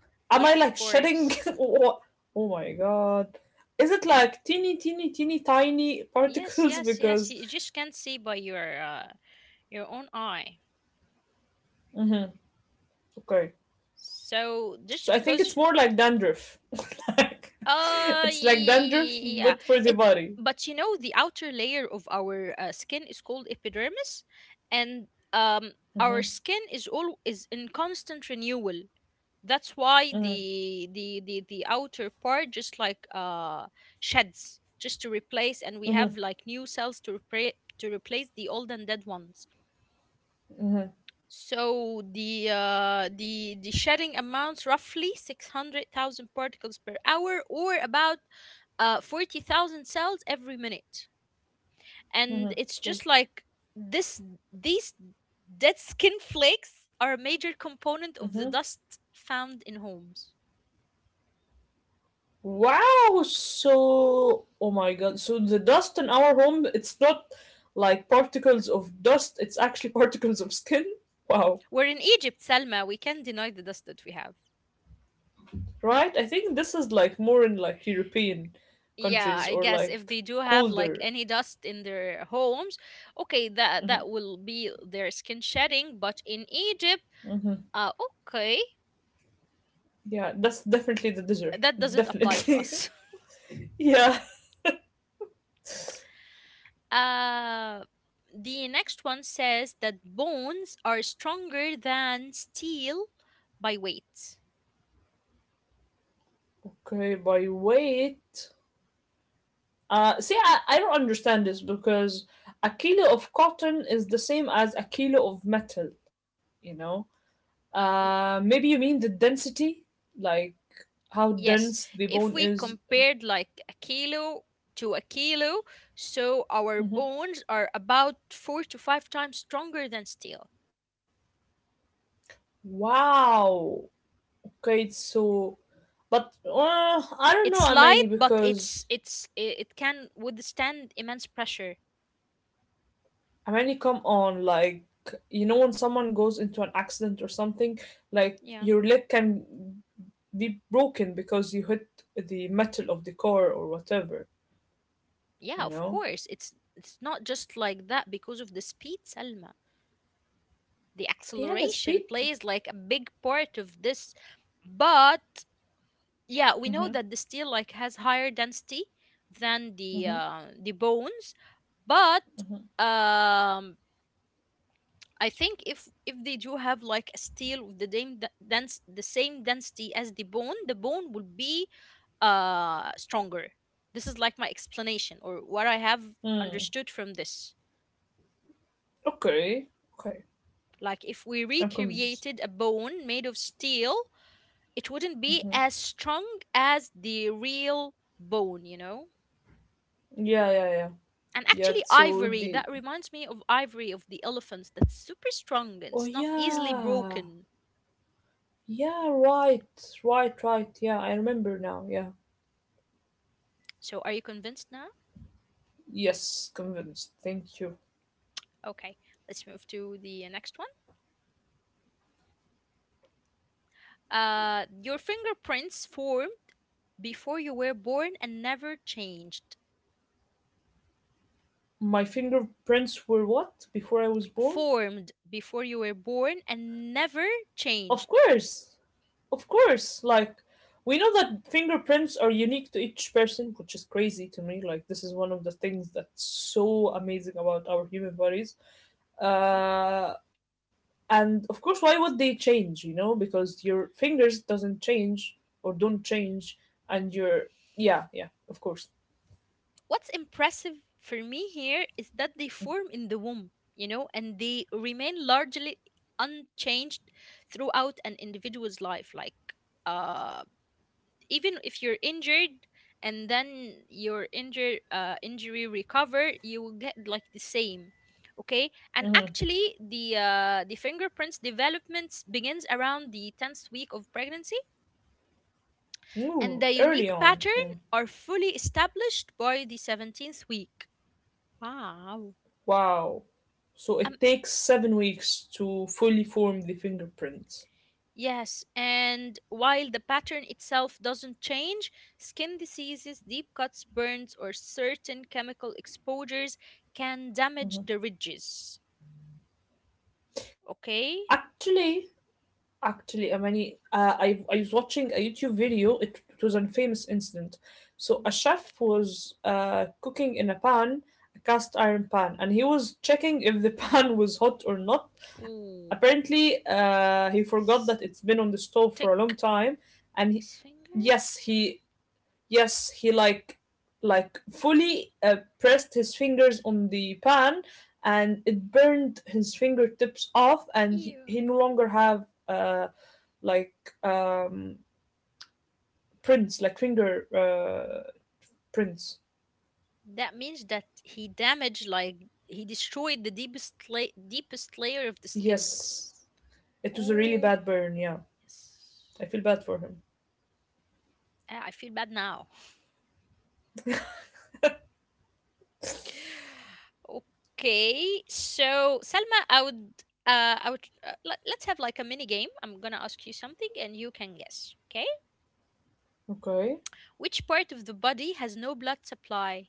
Speaker 2: Am I
Speaker 1: Yeah,
Speaker 2: like
Speaker 1: of
Speaker 2: shedding?
Speaker 1: course.
Speaker 2: Wha- oh my god, is it like teeny, teeny, teeny, tiny
Speaker 1: Yes,
Speaker 2: particles?
Speaker 1: yes, yes,
Speaker 2: Because
Speaker 1: you you just can't see by your uh, Your own eye.
Speaker 2: okay,
Speaker 1: So
Speaker 2: so I
Speaker 1: just
Speaker 2: think it's
Speaker 1: because y-
Speaker 2: more like dandruff. like,
Speaker 1: uh
Speaker 2: it's like dandruff,
Speaker 1: yeah,
Speaker 2: but for the
Speaker 1: it
Speaker 2: body.
Speaker 1: but you know the outer layer of our uh, skin is called epidermis. And, um our skin is all is in constant renewal. That's why the the the the outer part just like uh sheds, just to replace, and we have like new cells to repra- to replace the old and dead ones. So the uh, the the shedding amounts roughly six hundred thousand particles per hour, or about uh, forty thousand cells every minute. And it's just like this: these dead skin flakes are a major component of the dust found in homes.
Speaker 2: Wow, so oh my god, so the dust in our home, it's not like particles of dust, it's actually particles of skin. Wow.
Speaker 1: Where in Egypt, Selma. We can't deny the dust that we have.
Speaker 2: Right? I think this is like more in like European
Speaker 1: Yeah,
Speaker 2: countries
Speaker 1: I
Speaker 2: or
Speaker 1: guess
Speaker 2: like
Speaker 1: if they do have like
Speaker 2: colder.
Speaker 1: any dust in their homes, okay, that that will be their skin shedding. But in Egypt, Uh, okay,
Speaker 2: Yeah, that's definitely the desert.
Speaker 1: that doesn't apply to
Speaker 2: Definitely.
Speaker 1: us.
Speaker 2: yeah.
Speaker 1: Uh, the next one says that bones are stronger than steel by weight.
Speaker 2: Okay, by weight. Uh see I, I don't understand this because a kilo of cotton is the same as a kilo of metal, you know?
Speaker 1: Mm.
Speaker 2: Uh, maybe you mean the density, like how
Speaker 1: Yes,
Speaker 2: dense the
Speaker 1: if
Speaker 2: bone
Speaker 1: we
Speaker 2: is.
Speaker 1: compared like a kilo to a kilo, so our
Speaker 2: Mhm.
Speaker 1: bones are about four to five times stronger than steel.
Speaker 2: Wow. Okay, so but uh, I don't know
Speaker 1: It's light,
Speaker 2: Amani
Speaker 1: but
Speaker 2: because
Speaker 1: it's it's i- it can withstand immense pressure.
Speaker 2: Amani, come on, like you know when someone goes into an accident or something, like
Speaker 1: Yeah.
Speaker 2: your leg can be broken because you hit the metal of the car or whatever,
Speaker 1: Yeah,
Speaker 2: you
Speaker 1: of
Speaker 2: know.
Speaker 1: course. It's it's not just like that because of the speed, Salma. The
Speaker 2: Yeah, that's
Speaker 1: acceleration
Speaker 2: people.
Speaker 1: plays like a big part of this, but yeah, we know
Speaker 2: Mm-hmm,
Speaker 1: that the steel like has higher density than the
Speaker 2: mm-hmm.
Speaker 1: uh, the bones. But, um I think if if they do have like a steel with the same d- dense the same density as the bone the bone will be uh stronger. This is like my explanation or what I have
Speaker 2: Mm.
Speaker 1: understood from this.
Speaker 2: Okay, okay,
Speaker 1: Like if we
Speaker 2: I'm convinced.
Speaker 1: recreated a bone made of steel, it wouldn't be as strong as the real bone, you know?
Speaker 2: Yeah, yeah, yeah.
Speaker 1: And
Speaker 2: Yeah,
Speaker 1: actually,
Speaker 2: so
Speaker 1: ivory,
Speaker 2: the
Speaker 1: that reminds me of ivory of the elephants. That's super strong and
Speaker 2: oh
Speaker 1: it's not easily
Speaker 2: yeah,
Speaker 1: broken.
Speaker 2: yeah, right, right, right. Yeah, I remember now. Yeah,
Speaker 1: So, are you convinced now?
Speaker 2: yes, convinced. Thank you.
Speaker 1: Okay, let's move to the next one. Uh, your fingerprints formed before you were born and never changed.
Speaker 2: My fingerprints were what before I was born?
Speaker 1: Formed before you were born and never
Speaker 2: Of
Speaker 1: changed.
Speaker 2: course, of course. Like we know that fingerprints are unique to each person, which is crazy to me. Like this is one of the things that's so amazing about our human bodies. Uh, and of course, why would they change? You know because your fingers doesn't change, or don't change, and your yeah, yeah, of course.
Speaker 1: What's impressive for me here is that they form in the womb, you know, and they remain largely unchanged throughout an individual's life. Like, uh, even if you're injured and then your injur uh, injury recover, you will get like the same. Okay, and
Speaker 2: Hmm.
Speaker 1: actually, the uh, the fingerprints developments begins around the tenth week of pregnancy, and
Speaker 2: Ooh,
Speaker 1: the
Speaker 2: early
Speaker 1: unique
Speaker 2: on,
Speaker 1: pattern
Speaker 2: yeah.
Speaker 1: are fully established by the seventeenth week. Wow.
Speaker 2: Wow, so
Speaker 1: Um,
Speaker 2: it takes seven weeks to fully form the fingerprints.
Speaker 1: yes, and while the pattern itself doesn't change, skin diseases, deep cuts, burns, or certain chemical exposures can damage the ridges. Okay?
Speaker 2: actually Actually, I mean, uh, I, I was watching a YouTube video. It, it was a famous incident. So a chef was uh, cooking in a pan, a cast iron pan, and he was checking if the pan was hot or not.
Speaker 1: Ooh,
Speaker 2: Apparently, uh, he forgot that it's been on the stove for a
Speaker 1: stick
Speaker 2: long time, and he,
Speaker 1: his finger?
Speaker 2: yes, he. Yes, he like like fully uh, pressed his fingers on the pan, and it burned his fingertips off, and he,
Speaker 1: Ew.
Speaker 2: he no longer have uh, like, um, prints, like finger uh, prints.
Speaker 1: That means that he damaged, like, he destroyed the deepest, la- deepest layer of the skin.
Speaker 2: Yes. It was a really
Speaker 1: Oh,
Speaker 2: bad burn, yeah.
Speaker 1: yes.
Speaker 2: I feel bad for him.
Speaker 1: Ah, I feel bad now. Okay, so Selma, I would, uh, I would, uh, let, let's have like a mini game. I'm gonna ask you something and you can guess. Okay,
Speaker 2: Okay.
Speaker 1: which part of the body has no blood supply?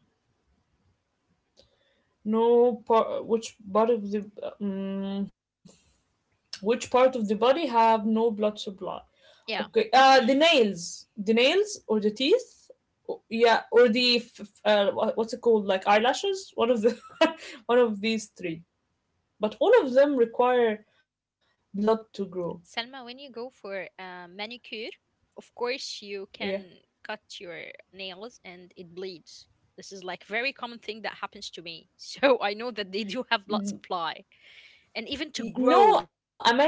Speaker 2: No part, which part of the um, which part of the body have no blood supply?
Speaker 1: Yeah.
Speaker 2: Okay, uh, the nails, the nails or the teeth, o- yeah, or the f- f- uh, wha- what's it called, like eyelashes? One of the, one of these three. But all of them require blood to grow.
Speaker 1: Selma, when you go for a manicure, of course you
Speaker 2: Yeah.
Speaker 1: can cut your nails and it bleeds. This is like very common thing that happens to me. So I know that they do have blood supply and even to
Speaker 2: Y- No,
Speaker 1: grow.
Speaker 2: Amani.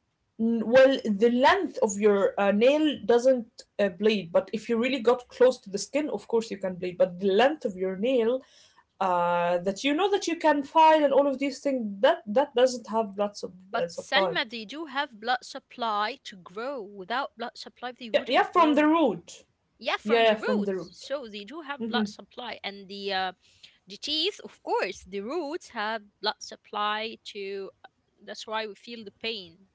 Speaker 2: Well, the length of your uh, nail doesn't uh, bleed, but if you really got close to the skin, of course you can bleed. But the length of your nail, uh, that you know that you can find and all of these things, that that doesn't have blood sub-, uh,
Speaker 1: But
Speaker 2: supply.
Speaker 1: Selma, they do have blood supply to grow. Without blood supply, they
Speaker 2: Yeah, yeah,
Speaker 1: wouldn't
Speaker 2: from the
Speaker 1: grow.
Speaker 2: root.
Speaker 1: Yeah, from
Speaker 2: Yeah,
Speaker 1: the
Speaker 2: yeah, from the
Speaker 1: roots.
Speaker 2: root.
Speaker 1: So they do have blood
Speaker 2: Hmm.
Speaker 1: supply, and the uh, the teeth, of course, the roots have blood supply to. uh, That's why we feel the pain.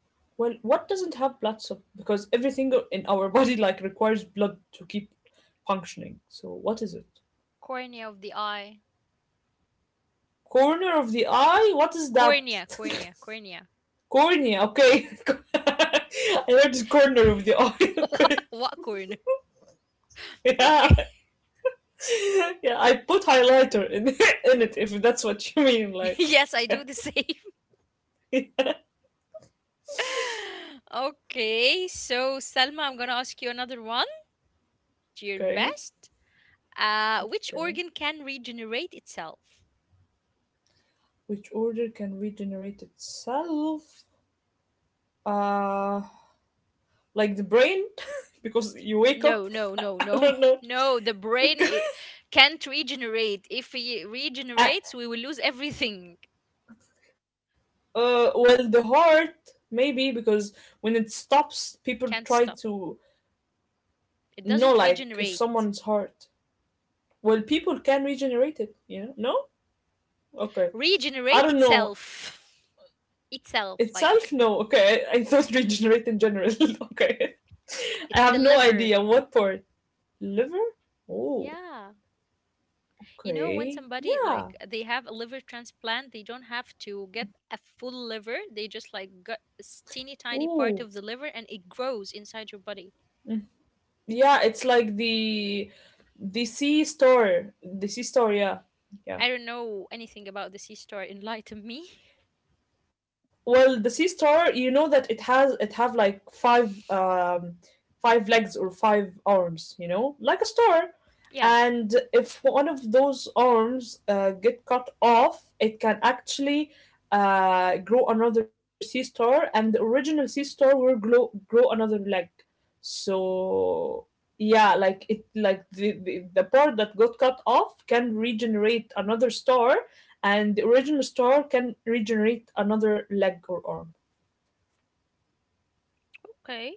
Speaker 2: Well, what doesn't have blood supply? Because everything in our body like requires blood to keep functioning. So what is it?
Speaker 1: Cornea of the eye.
Speaker 2: Corner of the eye? What is that?
Speaker 1: Cornea, cornea, cornea.
Speaker 2: Corny, okay. I heard the corner of the
Speaker 1: what,
Speaker 2: eye.
Speaker 1: what cornea?
Speaker 2: Yeah,
Speaker 1: Okay.
Speaker 2: yeah. I put highlighter in in it if that's what you mean. Like,
Speaker 1: Yes, I
Speaker 2: yeah.
Speaker 1: do the same.
Speaker 2: Yeah.
Speaker 1: Okay, so Selma, I'm gonna ask you another one. Do your
Speaker 2: Okay,
Speaker 1: best. Uh, which
Speaker 2: okay.
Speaker 1: organ can regenerate itself?
Speaker 2: Which order can regenerate itself? Uh, like the brain, because you wake
Speaker 1: No,
Speaker 2: up.
Speaker 1: no, no,
Speaker 2: I
Speaker 1: no,
Speaker 2: don't know.
Speaker 1: no. The brain I can't regenerate. If it
Speaker 2: Uh,
Speaker 1: regenerates, we will lose everything.
Speaker 2: well, the heart maybe, because when it stops, people
Speaker 1: Can't
Speaker 2: try
Speaker 1: stop.
Speaker 2: to
Speaker 1: It
Speaker 2: know,
Speaker 1: doesn't
Speaker 2: like, if
Speaker 1: regenerate.
Speaker 2: someone's heart. Well, people can regenerate it, you know? No? Okay. I
Speaker 1: Regenerate
Speaker 2: don't know.
Speaker 1: itself. Itself,
Speaker 2: Itself? No.
Speaker 1: like,
Speaker 2: Okay. I, I thought regenerate in general. Okay. I have
Speaker 1: it's
Speaker 2: no
Speaker 1: the
Speaker 2: idea
Speaker 1: liver.
Speaker 2: what part. Liver? Oh,
Speaker 1: Yeah. You know, when
Speaker 2: okay.
Speaker 1: somebody
Speaker 2: Yeah.
Speaker 1: like they have a liver transplant, they don't have to get a full liver. They just like got a s- teeny tiny
Speaker 2: Oh.
Speaker 1: part of the liver and it grows inside your body.
Speaker 2: Yeah, it's like the the sea store. The sea store, yeah.
Speaker 1: I
Speaker 2: Yeah.
Speaker 1: don't know anything about the sea star. Enlighten me.
Speaker 2: Well, the sea star, you know that it has it have like five, um, five legs or five arms, you know, like a star.
Speaker 1: Yeah.
Speaker 2: And if one of those arms uh, get cut off, it can actually uh, grow another sea star, and the original sea star will grow grow another leg. So yeah, like it like the, the the part that got cut off can regenerate another star, and the original star can regenerate another leg or arm.
Speaker 1: Okay.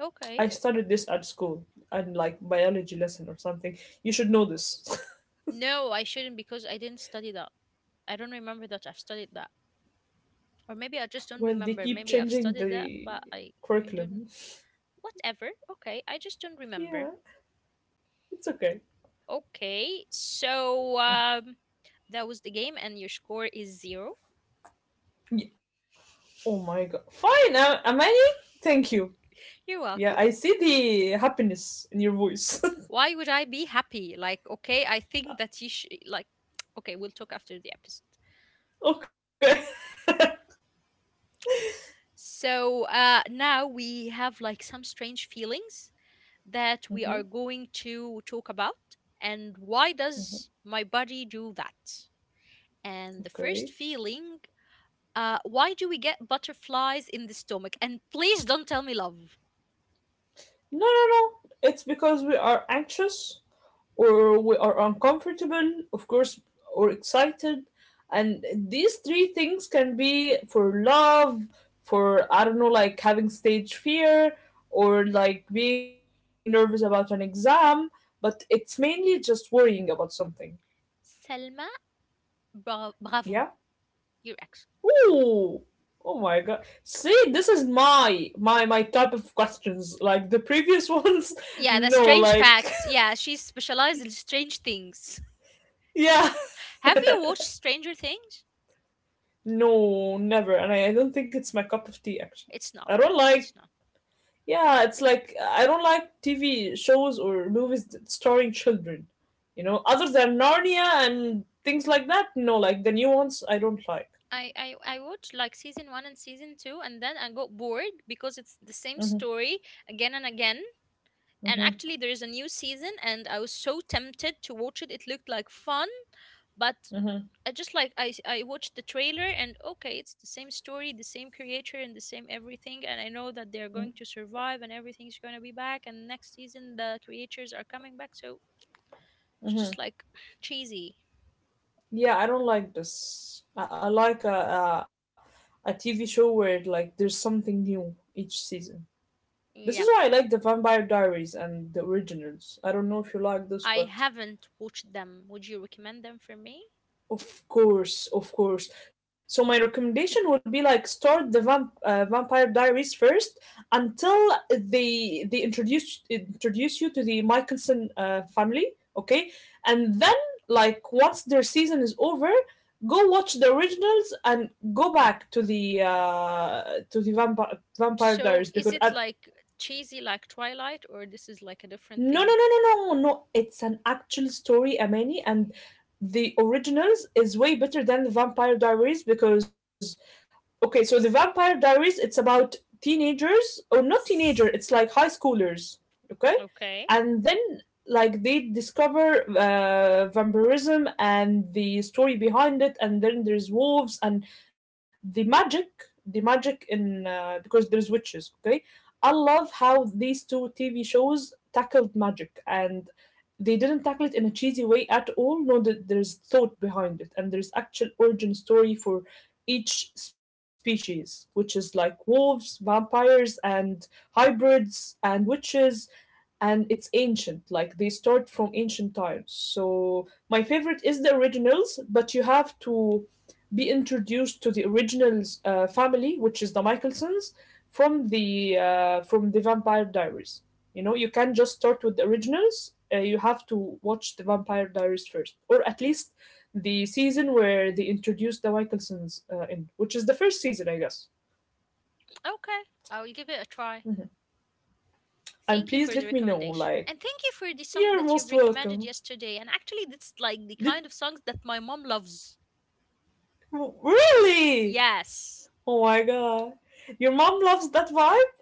Speaker 1: Okay.
Speaker 2: I studied this at school and like biology lesson or something. You should know this.
Speaker 1: No, I shouldn't because I didn't study that. I don't remember that I've studied that. Or maybe I just don't
Speaker 2: Well, they
Speaker 1: remember.
Speaker 2: keep
Speaker 1: Maybe I've
Speaker 2: changing
Speaker 1: studied that,
Speaker 2: the
Speaker 1: but I, I don't.
Speaker 2: curriculum.
Speaker 1: Whatever. Okay, I just don't remember.
Speaker 2: Yeah, it's okay.
Speaker 1: Okay, so um, that was the game, and your score is zero.
Speaker 2: Yeah. Oh my god. Fine, uh, Amani. Thank you.
Speaker 1: You're welcome.
Speaker 2: Yeah, I see the happiness in your voice.
Speaker 1: Why would I be happy? Like, okay, I think that you should, like, okay, we'll talk after the episode.
Speaker 2: Okay.
Speaker 1: So uh, now we have like some strange feelings that we are
Speaker 2: Hmm.
Speaker 1: going to talk about. And why does my body do that? And the first
Speaker 2: Okay.
Speaker 1: feeling, uh, why do we get butterflies in the stomach? And please don't tell me love.
Speaker 2: No, no, no. It's because we are anxious, or we are uncomfortable, of course, or excited. And these three things can be for love, for, I don't know, like having stage fear, or like being nervous about an exam, but it's mainly just worrying about something.
Speaker 1: Selma, bra-
Speaker 2: Yeah?
Speaker 1: bravo, your accent.
Speaker 2: Ooh! Oh my god. See, this is my my my type of questions. Like the previous ones,
Speaker 1: Yeah, the
Speaker 2: no,
Speaker 1: strange
Speaker 2: like
Speaker 1: facts. Yeah, she's specialized in strange things.
Speaker 2: yeah.
Speaker 1: Have you watched Stranger Things?
Speaker 2: No, never. And I, I don't think it's my cup of tea actually.
Speaker 1: It's
Speaker 2: I
Speaker 1: not.
Speaker 2: don't like.
Speaker 1: It's not.
Speaker 2: Yeah, it's like I don't like T V shows or movies that starring children. You know, other than Narnia and things like that. No, like the new ones, I don't like.
Speaker 1: I, I I watched like season one and season two, and then I got bored because it's the same
Speaker 2: Hmm.
Speaker 1: story again and again. And actually,
Speaker 2: Hmm.
Speaker 1: there is a new season, and I was so tempted to watch it. It looked like fun, but
Speaker 2: Hmm.
Speaker 1: I just like I s- I watched the trailer, and okay, it's the same story, the same creator, and the same everything. And I know that they're going to survive, and everything's going to be back. And next season, the creators are coming back, so it's
Speaker 2: Hmm.
Speaker 1: just like cheesy.
Speaker 2: Yeah, I don't like this. I, I like a, a a T V show where like there's something new each season. This is
Speaker 1: Yep.
Speaker 2: why I like the Vampire Diaries and the originals. I don't know if you like this,
Speaker 1: I
Speaker 2: but
Speaker 1: haven't watched them. Would you recommend them for me?
Speaker 2: of course, of course. So my recommendation will be like start the vamp-, uh, Vampire Diaries first until they they introduce introduce you to the Michelson uh, family, okay? And then, like, once their season is over, go watch the originals and go back to the uh, to the Vampire Vampire
Speaker 1: So
Speaker 2: Diaries
Speaker 1: is
Speaker 2: because
Speaker 1: it
Speaker 2: uh,
Speaker 1: like cheesy like Twilight or this is like a different
Speaker 2: no no
Speaker 1: thing?
Speaker 2: no no no no it's an actual story, Amani, and the originals is way better than the Vampire Diaries because okay, so the Vampire Diaries, it's about teenagers, or not teenager,
Speaker 1: S-
Speaker 2: it's like high schoolers. Okay?
Speaker 1: Okay.
Speaker 2: And then, like, they discover uh, vampirism and the story behind it, and then there's wolves and the magic the magic in uh, because there's witches, okay. I love how these two TV shows tackled magic, and they didn't tackle it in a cheesy way at all. No, that there's thought behind it, and there's actual origin story for each species, which is like wolves, vampires, and hybrids and witches. And it's ancient, like they start from ancient times. So my favorite is the originals, but you have to be introduced to the originals uh, family, which is the Michaelsons, from the uh, from the Vampire Diaries. You know, you can't just start with the originals, uh, you have to watch the Vampire Diaries first, or at least the season where they introduced the Michaelsons uh, in, which is the first season I guess.
Speaker 1: Okay. I will give it a try. Thank
Speaker 2: And
Speaker 1: you for
Speaker 2: please
Speaker 1: the
Speaker 2: let me know
Speaker 1: recommendation.
Speaker 2: like
Speaker 1: And thank you for the song
Speaker 2: you're
Speaker 1: that you've
Speaker 2: most
Speaker 1: recommended
Speaker 2: welcome.
Speaker 1: yesterday. And actually that's like the
Speaker 2: Let.
Speaker 1: kind of songs that my mom loves.
Speaker 2: W- really?
Speaker 1: Yes.
Speaker 2: Oh my god. Your mom loves that vibe?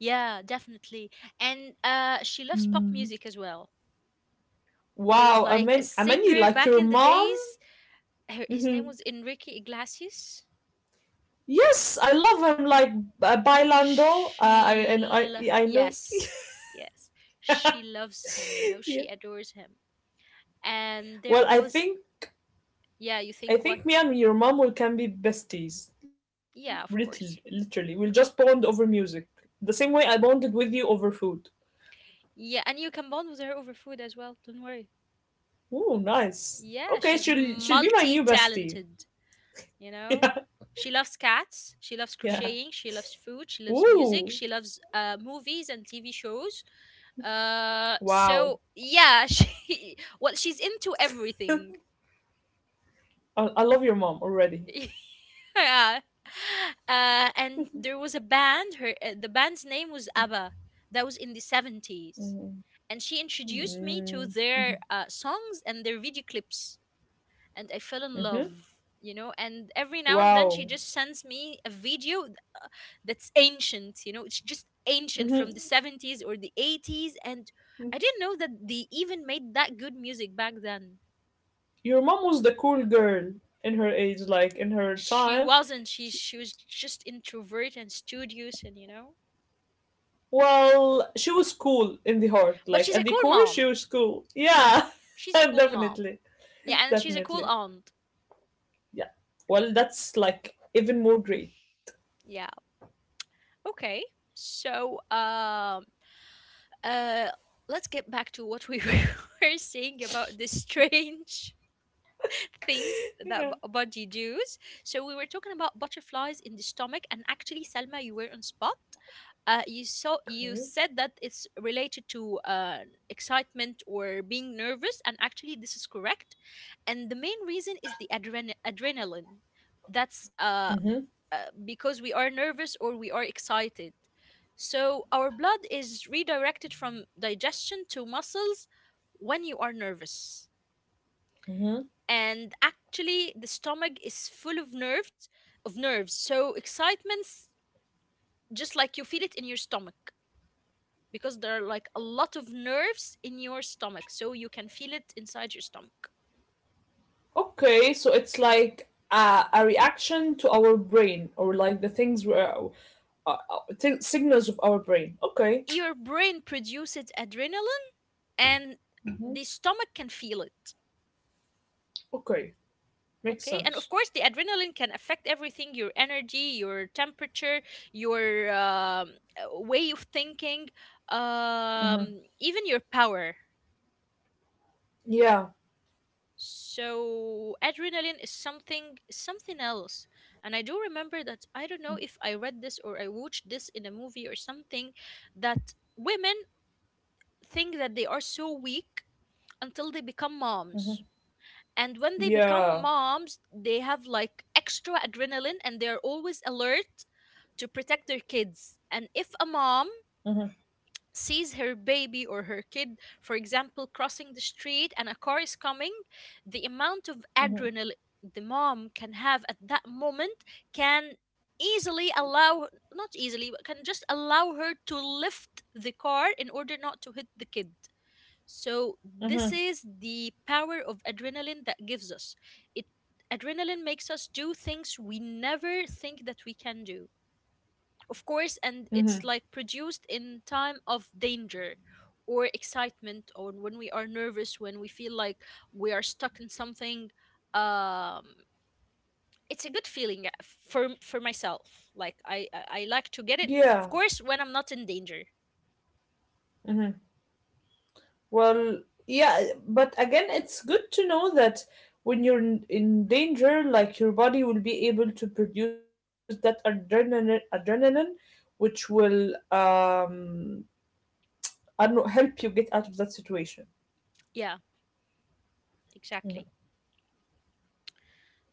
Speaker 1: Yeah, definitely. And uh, she loves pop
Speaker 2: Mm.
Speaker 1: music as well. There was
Speaker 2: Wow, I
Speaker 1: like a
Speaker 2: mean, I mean, you
Speaker 1: singer
Speaker 2: like
Speaker 1: back
Speaker 2: your
Speaker 1: in the
Speaker 2: mom?
Speaker 1: days. Her, his
Speaker 2: Hmm.
Speaker 1: name was Enrique Iglesias.
Speaker 2: Yes, I love him, like, uh, Bailando. Uh, I, and
Speaker 1: She
Speaker 2: I,
Speaker 1: l-
Speaker 2: I know.
Speaker 1: yes. Yes. She loves him, you know,
Speaker 2: Yeah.
Speaker 1: she adores him. And there
Speaker 2: Well, I
Speaker 1: was,
Speaker 2: think,
Speaker 1: yeah, you
Speaker 2: I
Speaker 1: think what?
Speaker 2: think me and your mom will can be besties.
Speaker 1: Yeah, of
Speaker 2: Literally,
Speaker 1: course.
Speaker 2: literally, we'll just bond over music, the same way I bonded with you over food.
Speaker 1: Yeah, and you can bond with her over food as well. Don't worry.
Speaker 2: Ooh, nice.
Speaker 1: Yeah, she's
Speaker 2: Okay, she'll she'll be my new
Speaker 1: multi-talented.
Speaker 2: bestie.
Speaker 1: You know, she
Speaker 2: Yeah,
Speaker 1: loves cats, she loves
Speaker 2: yeah.
Speaker 1: crocheting, she loves food, she loves music,
Speaker 2: Ooh,
Speaker 1: she loves uh, movies and TV shows. Uh,
Speaker 2: wow.
Speaker 1: so yeah, she well she's into everything.
Speaker 2: I, I love your mom already.
Speaker 1: Yeah. Uh, and there was a band. Her uh, The band's name was ABBA. That was in the seventies,
Speaker 2: Mm-hmm.
Speaker 1: and she introduced me to their uh, songs and their video clips, and I fell in love. You know, and every now and then she
Speaker 2: Wow.
Speaker 1: just sends me a video that's ancient. You know, it's just ancient,
Speaker 2: Mm-hmm.
Speaker 1: from the seventies or the eighties, and I didn't know that they even made that good music back then.
Speaker 2: Your mom was the cool girl in her age, like in her
Speaker 1: she
Speaker 2: time.
Speaker 1: wasn't she
Speaker 2: She,
Speaker 1: She was just introvert and studious and you know.
Speaker 2: well, she was cool in the heart,
Speaker 1: But
Speaker 2: like
Speaker 1: she's a
Speaker 2: at the
Speaker 1: cool
Speaker 2: core, she
Speaker 1: mom.
Speaker 2: was cool. Yeah,
Speaker 1: She's a cool mom.
Speaker 2: definitely,
Speaker 1: Yeah, and she's a cool
Speaker 2: definitely.
Speaker 1: aunt.
Speaker 2: Yeah. Well, that's like even more great.
Speaker 1: Yeah. Okay, so um uh let's get back to what we were saying about this strange things that
Speaker 2: Yeah.
Speaker 1: b- body does. So we were talking about butterflies in the stomach, and actually, Selma, you were on spot. Uh, you saw
Speaker 2: Okay.
Speaker 1: you said that it's related to uh, excitement or being nervous, and actually, this is correct. And the main reason is the adren- adrenaline. That's
Speaker 2: Mm-hmm.
Speaker 1: uh, uh, because we are nervous or we are excited. So our blood is redirected from digestion to muscles when you are nervous,
Speaker 2: Mm-hmm.
Speaker 1: and actually the stomach is full of nerves, of nerves so excitements, just like, you feel it in your stomach because there are like a lot of nerves in your stomach, so you can feel it inside your stomach.
Speaker 2: Okay, so it's like a, a reaction to our brain, or like the things where uh, uh, t- signals of our brain. Okay,
Speaker 1: Your brain produces adrenaline, and the stomach can feel it.
Speaker 2: okay, makes
Speaker 1: Okay, and of
Speaker 2: sense.
Speaker 1: course the adrenaline can affect everything: your energy, your temperature, your um, uh, way of thinking,
Speaker 2: Hmm.
Speaker 1: um, even your power.
Speaker 2: Yeah,
Speaker 1: So adrenaline is something something else. And I do remember that, I don't know if I read this or I watched this in a movie or something, that women think that they are so weak until they become
Speaker 2: hmm,
Speaker 1: moms. And when they become
Speaker 2: yeah,
Speaker 1: moms, they have like extra adrenaline and they're always alert to protect their kids. And if a mom
Speaker 2: hmm,
Speaker 1: sees her baby or her kid, for example, crossing the street and a car is coming, the amount of
Speaker 2: hmm,
Speaker 1: adrenaline the mom can have at that moment can easily allow, not easily but can just allow her to, lift the car in order not to hit the kid. So this
Speaker 2: hmm,
Speaker 1: is the power of adrenaline that gives us it. Adrenaline makes us do things we never think that we can do, of course, and
Speaker 2: hmm,
Speaker 1: it's like produced in time of danger or excitement or when we are nervous, when we feel like we are stuck in something. Um, it's a good feeling uh, for for myself. Like, I I I like to get it,
Speaker 2: yeah.
Speaker 1: of course, when I'm not in danger.
Speaker 2: Hmm. Well, yeah, but again, it's good to know that when you're in, in danger, like your body will be able to produce that adrenaline, adrenaline, which will um, I don't know, help you get out of that situation.
Speaker 1: Yeah, exactly.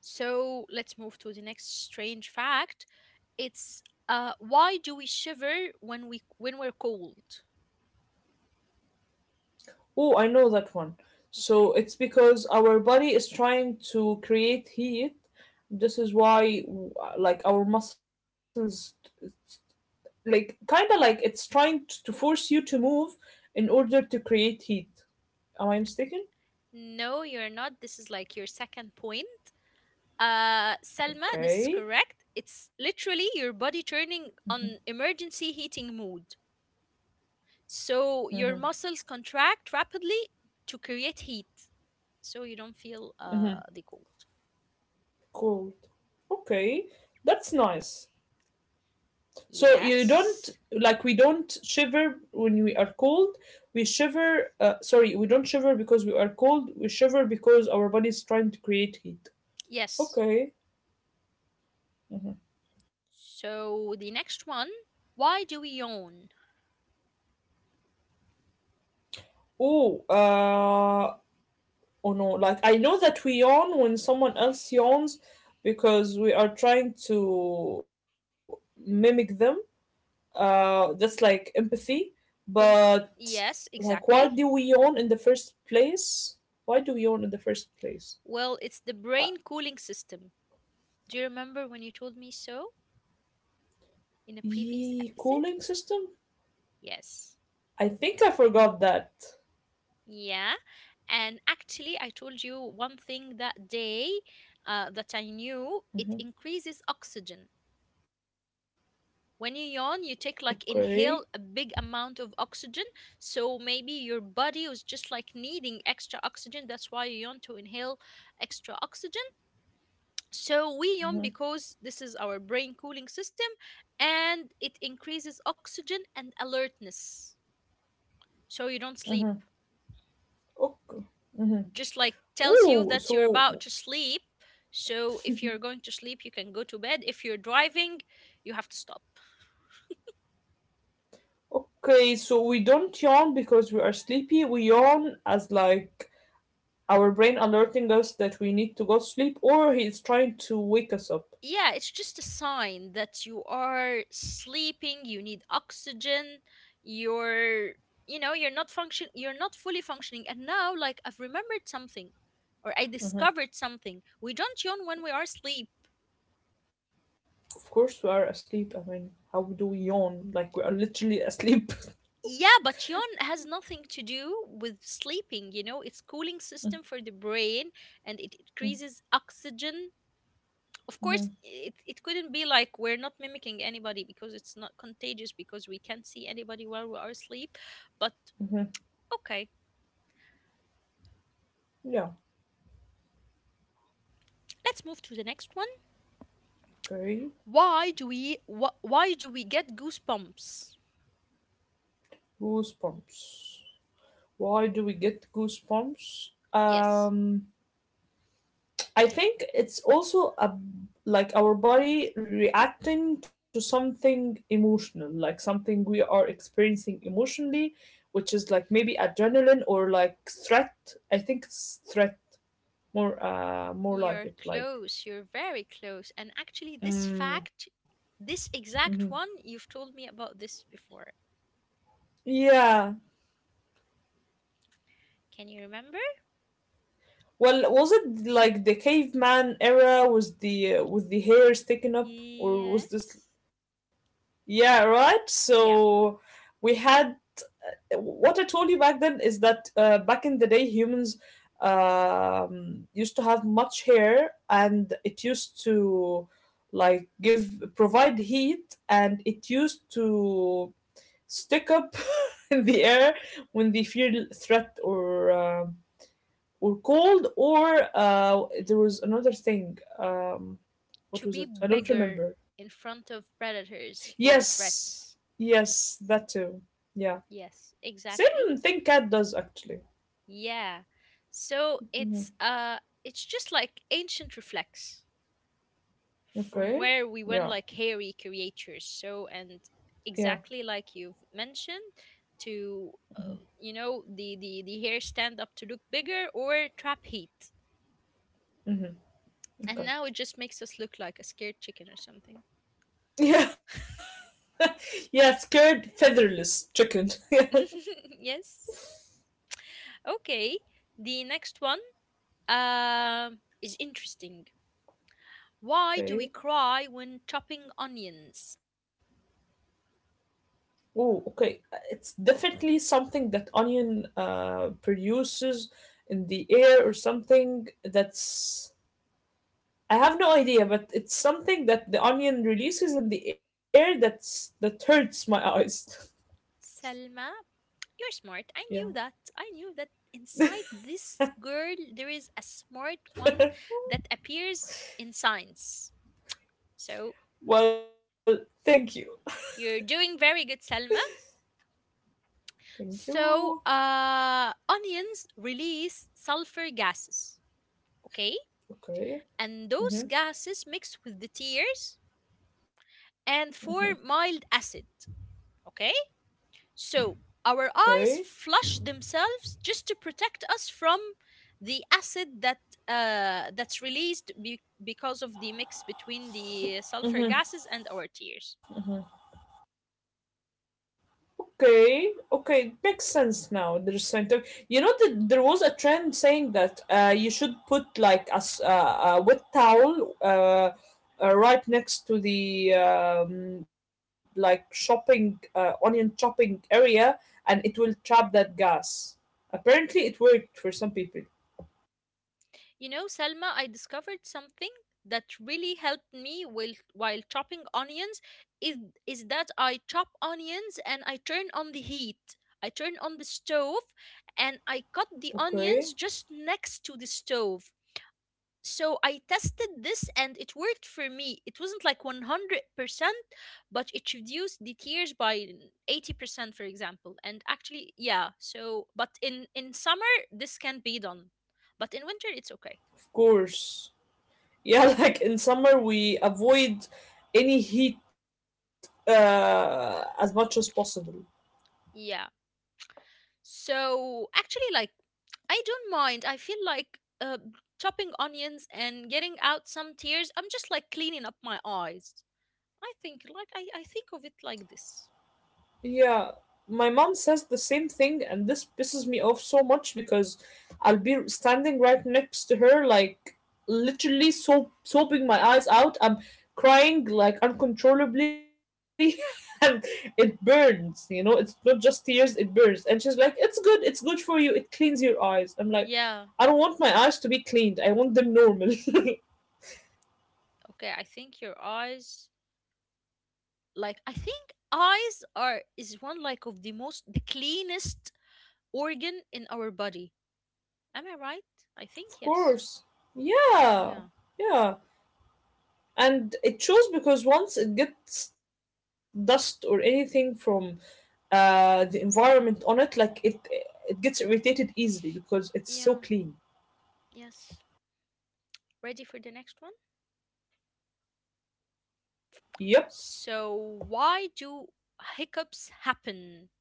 Speaker 1: So let's move to the next strange fact. It's, uh, why do we shiver when we when we're cold?
Speaker 2: Oh, I know that one.
Speaker 1: Okay.
Speaker 2: So it's because our body is trying to create heat. This is why, like, our muscles, like, kind of like it's trying t- to force you to move in order to create heat. Am I mistaken?
Speaker 1: No, you're not. This is like your second point. Uh, Salma, this is
Speaker 2: Okay,
Speaker 1: correct. It's literally your body turning on emergency heating mode. So your muscles contract rapidly to create heat, so you don't feel uh, the cold.
Speaker 2: cold. Okay, that's nice. So you don't
Speaker 1: Yes.
Speaker 2: like we don't shiver when we are cold. We shiver. Uh, sorry, we don't shiver because we are cold. We shiver because our body is trying to create heat.
Speaker 1: Yes.
Speaker 2: Okay.
Speaker 1: So the next one, why do we yawn?
Speaker 2: Oh. Uh. Oh no. Like I know that we yawn when someone else yawns because we are trying to mimic them. Uh. That's like empathy. But
Speaker 1: Con- yes,
Speaker 2: like, why do
Speaker 1: exactly.
Speaker 2: we yawn in the first place? Why do we yawn in the first place?
Speaker 1: Well, it's the brain cooling system. Do you remember when you told me so, in a previous
Speaker 2: Ye
Speaker 1: episode?
Speaker 2: cooling system?
Speaker 1: Yes.
Speaker 2: I think I forgot that.
Speaker 1: Yeah. And actually, I told you one thing that day, uh, that I knew it
Speaker 2: Mhm.
Speaker 1: increases oxygen. When you yawn, you take like
Speaker 2: Okay.
Speaker 1: inhale a big amount of oxygen. So maybe your body was just like needing extra oxygen. That's why you yawn, to inhale extra oxygen. So we yawn because this is our brain cooling system, and it increases oxygen and alertness. So you don't
Speaker 2: Hmm.
Speaker 1: sleep.
Speaker 2: Okay. Hmm.
Speaker 1: Just like tells you
Speaker 2: Oh,
Speaker 1: that you're
Speaker 2: so
Speaker 1: about to sleep. So if you're going to sleep, you can go to bed. If you're driving, you have to stop.
Speaker 2: okay, so we don't yawn because we are sleepy. We yawn as like our brain alerting us that we need to go to sleep, or he is trying to wake us up.
Speaker 1: Yeah, it's just a sign that you are sleeping, you need oxygen, you're, you know, you're not function you're not fully functioning. And now like I've remembered something or I discovered something. We don't yawn when we are asleep.
Speaker 2: Of course, we are asleep. I mean, how do we yawn? Like we are literally asleep.
Speaker 1: Yeah, but yawn has nothing to do with sleeping, you know, it's cooling system for the brain, and it increases oxygen. Of course,
Speaker 2: Mm-hmm.
Speaker 1: it, it couldn't be like, we're not mimicking anybody because it's not contagious, because we can't see anybody while we are asleep. But okay,
Speaker 2: Yeah.
Speaker 1: let's move to the next one.
Speaker 2: Okay.
Speaker 1: Why do we wh- why do we get goosebumps?
Speaker 2: Goosebumps. Why do we get goosebumps?
Speaker 1: Yes,
Speaker 2: Um, I think it's also a like our body reacting to something emotional, like something we are experiencing emotionally, which is like maybe adrenaline or like threat. I think it's threat, more uh, more like
Speaker 1: you're
Speaker 2: it like
Speaker 1: close. You're very close. And actually this
Speaker 2: mm,
Speaker 1: fact, this
Speaker 2: mhm,
Speaker 1: exact one, you've told me about this before.
Speaker 2: yeah.
Speaker 1: Can you remember?
Speaker 2: Well, was it like the caveman era was the uh, with the hair sticking up, or was
Speaker 1: Yes.
Speaker 2: this yeah, right?
Speaker 1: Yeah.
Speaker 2: So we had what I told you back then is that uh, back in the day, humans um, used to have much hair, and it used to like give provide heat, and it used to stick up in the air when they feel threat or uh, or cold, or uh, there was another thing. Um, what
Speaker 1: To
Speaker 2: was
Speaker 1: be
Speaker 2: it? I don't
Speaker 1: bigger
Speaker 2: remember.
Speaker 1: in front of predators or
Speaker 2: Yes,
Speaker 1: threats.
Speaker 2: yes, that too. Yeah,
Speaker 1: Yes, exactly.
Speaker 2: same thing cat does actually.
Speaker 1: Yeah. So
Speaker 2: Mhm.
Speaker 1: it's uh, it's just like ancient reflex from
Speaker 2: Okay.
Speaker 1: where we went
Speaker 2: Yeah.
Speaker 1: like hairy creatures. So, and
Speaker 2: Yeah.
Speaker 1: exactly like you've mentioned, to, uh, you know, the the the hair stand up to look bigger or trap heat.
Speaker 2: Mm-hmm.
Speaker 1: And
Speaker 2: Okay.
Speaker 1: now it just makes us look like a scared chicken or something.
Speaker 2: Yeah. Yeah. Scared featherless chicken. Yeah.
Speaker 1: Yes. Okay. The next one, um, is interesting. Why do
Speaker 2: Okay.
Speaker 1: we cry when chopping onions?
Speaker 2: Oh, okay. Uh, It's definitely something that onion uh produces in the air or something that's I have no idea, but it's something that the onion releases in the air that's that hurts my eyes.
Speaker 1: Selma, you're smart. I
Speaker 2: Yeah.
Speaker 1: knew that. I knew that inside this girl there is a smart one that appears in science. So,
Speaker 2: Well, thank you.
Speaker 1: you're doing very good, Selma.
Speaker 2: Thank you.
Speaker 1: So, uh, onions release sulfur gases, okay?
Speaker 2: Okay.
Speaker 1: And those
Speaker 2: Mm-hmm.
Speaker 1: gases mix with the tears and form mild acid, okay? So, our
Speaker 2: Okay.
Speaker 1: eyes flush themselves just to protect us from the acid that, uh, that's released be- because of the mix between the sulfur gases and our tears.
Speaker 2: Okay, okay, it makes sense now. There's scientific. You know that there was a trend saying that uh, you should put like a, s- uh, a wet towel uh, uh, right next to the um, like shopping uh, onion chopping area, and it will trap that gas. Apparently, it worked for some people.
Speaker 1: You know, Selma, I discovered something that really helped me while, while chopping onions is, is that I chop onions and I turn on the heat. I turn on the stove and I cut the
Speaker 2: Okay,
Speaker 1: onions just next to the stove. So I tested this and it worked for me. It wasn't like one hundred percent, but it reduced the tears by eighty percent, for example. And actually, yeah, so, but in, in summer, this can be done. But in winter, it's okay.
Speaker 2: of course. Yeah, like in summer, we avoid any heat uh, as much as possible.
Speaker 1: Yeah. So actually, like, I don't mind. I feel like uh, chopping onions and getting out some tears. I'm just like cleaning up my eyes. I think, like, I, I think of it like this.
Speaker 2: Yeah, my mom says the same thing, and this pisses me off so much because I'll be standing right next to her, like literally so soaping my eyes out. I'm crying like uncontrollably, and it burns. You know, it's not just tears; it burns. And she's like, "It's good. It's good for you. It cleans your eyes." I'm like, "I don't
Speaker 1: Yeah.
Speaker 2: want my eyes to be cleaned. I want them normal." Of
Speaker 1: Okay. I think your eyes, like, I think eyes are is one like of the most the cleanest organ in our body. Am I right? I think yes.
Speaker 2: course. Yeah.
Speaker 1: Yeah.
Speaker 2: Yeah. And it shows because once it gets dust or anything from uh, the environment on it, like it it gets irritated easily because it's so clean.
Speaker 1: Yeah. Yes. Ready for the next one?
Speaker 2: Yep.
Speaker 1: So, why do hiccups happen?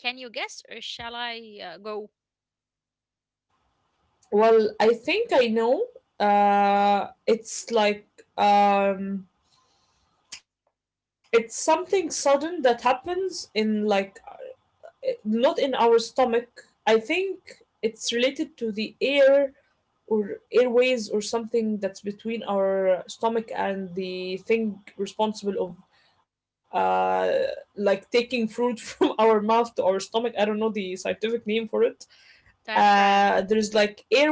Speaker 1: Can you guess or shall I uh, go?
Speaker 2: Well i think i know uh, It's like um, it's something sudden that happens in like eh, not in our stomach. I think it's related to the air or airways or something that's between our stomach and the thing responsible of uh like taking fruit from our mouth to our stomach. I don't know the scientific name for it.
Speaker 1: Diaphragm.
Speaker 2: Uh, there's like air.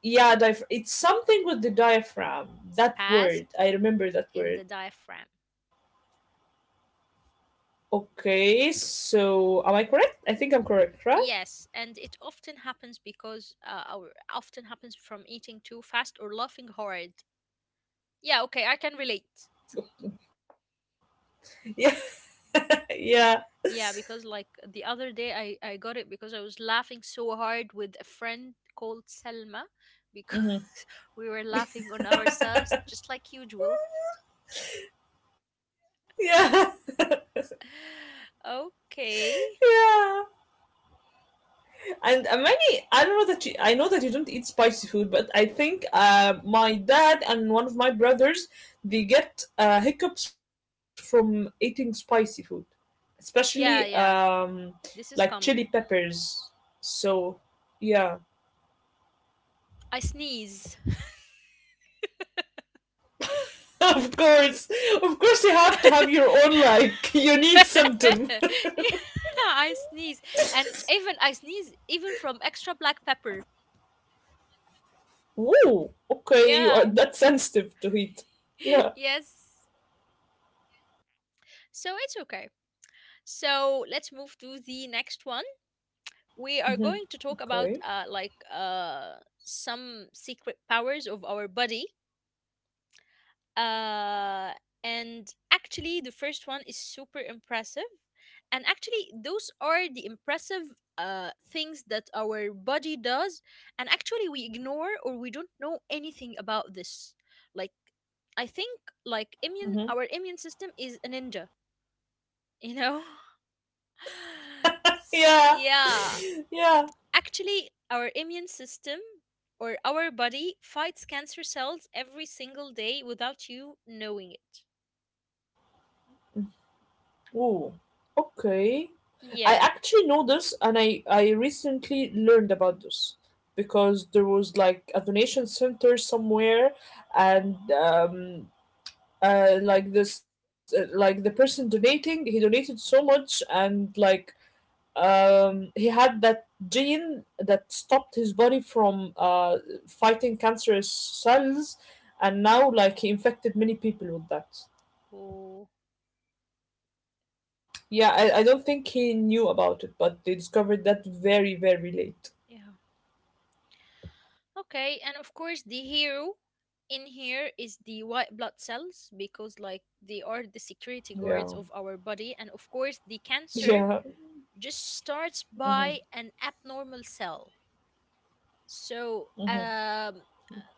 Speaker 2: Yeah diaph- it's something with the diaphragm. That word,
Speaker 1: Spasm
Speaker 2: I remember that
Speaker 1: in
Speaker 2: word.
Speaker 1: the diaphragm.
Speaker 2: Okay, so am I correct? I think I'm correct, right?
Speaker 1: Yes, and it often happens because uh, our often happens from eating too fast or laughing hard. Yeah, okay, I can relate.
Speaker 2: Yeah, yeah.
Speaker 1: Yeah, because like the other day I I got it because I was laughing so hard with a friend called Selma because
Speaker 2: Hmm.
Speaker 1: we were laughing on ourselves just like usual.
Speaker 2: Yeah.
Speaker 1: Okay.
Speaker 2: Yeah. And uh, many, I don't know that you, I know that you don't eat spicy food, but I think uh, my dad and one of my brothers, they get uh, hiccups from eating spicy food, especially
Speaker 1: Yeah, yeah.
Speaker 2: um,
Speaker 1: This
Speaker 2: like
Speaker 1: is
Speaker 2: chili
Speaker 1: common.
Speaker 2: peppers. So, yeah,
Speaker 1: I sneeze.
Speaker 2: of course, of course, you have to have your own like
Speaker 1: Yeah,
Speaker 2: unique symptom.
Speaker 1: I sneeze. And even I sneeze even from extra black pepper.
Speaker 2: Woo, okay, you are
Speaker 1: Yeah.
Speaker 2: that sensitive to heat. Yeah.
Speaker 1: Yes. So it's okay. So let's move to the next one. We are
Speaker 2: Hmm.
Speaker 1: going to talk about
Speaker 2: Okay.
Speaker 1: uh, like uh, some secret powers of our body. Uh, and actually, the first one is super impressive. And actually, those are the impressive uh, things that our body does. And actually, we ignore or we don't know anything about this. Like, I think like immune,
Speaker 2: Hmm.
Speaker 1: our immune system is a ninja, you know? S-
Speaker 2: Yeah,
Speaker 1: yeah
Speaker 2: yeah.
Speaker 1: Actually, our immune system or our body fights cancer cells every single day without you knowing it.
Speaker 2: Oh, okay. I actually
Speaker 1: Yeah.
Speaker 2: know this, and I I recently learned about this because there was like a donation center somewhere, and um, uh, like this, uh, like the person donating, he donated so much, and like um, he had that gene that stopped his body from uh fighting cancerous cells, and now like he infected many people with that.
Speaker 1: Oh,
Speaker 2: Yeah,
Speaker 1: that-
Speaker 2: I, I don't think he knew about it, but they discovered that very, very late.
Speaker 1: yeah. Okay, and of course, the hero in here is the white blood cells because, like, they are the security guards
Speaker 2: Yeah.
Speaker 1: of our body, and of course, the cancer
Speaker 2: Yeah.
Speaker 1: just starts
Speaker 2: Hmm.
Speaker 1: by an abnormal cell. So,
Speaker 2: Hmm.
Speaker 1: um,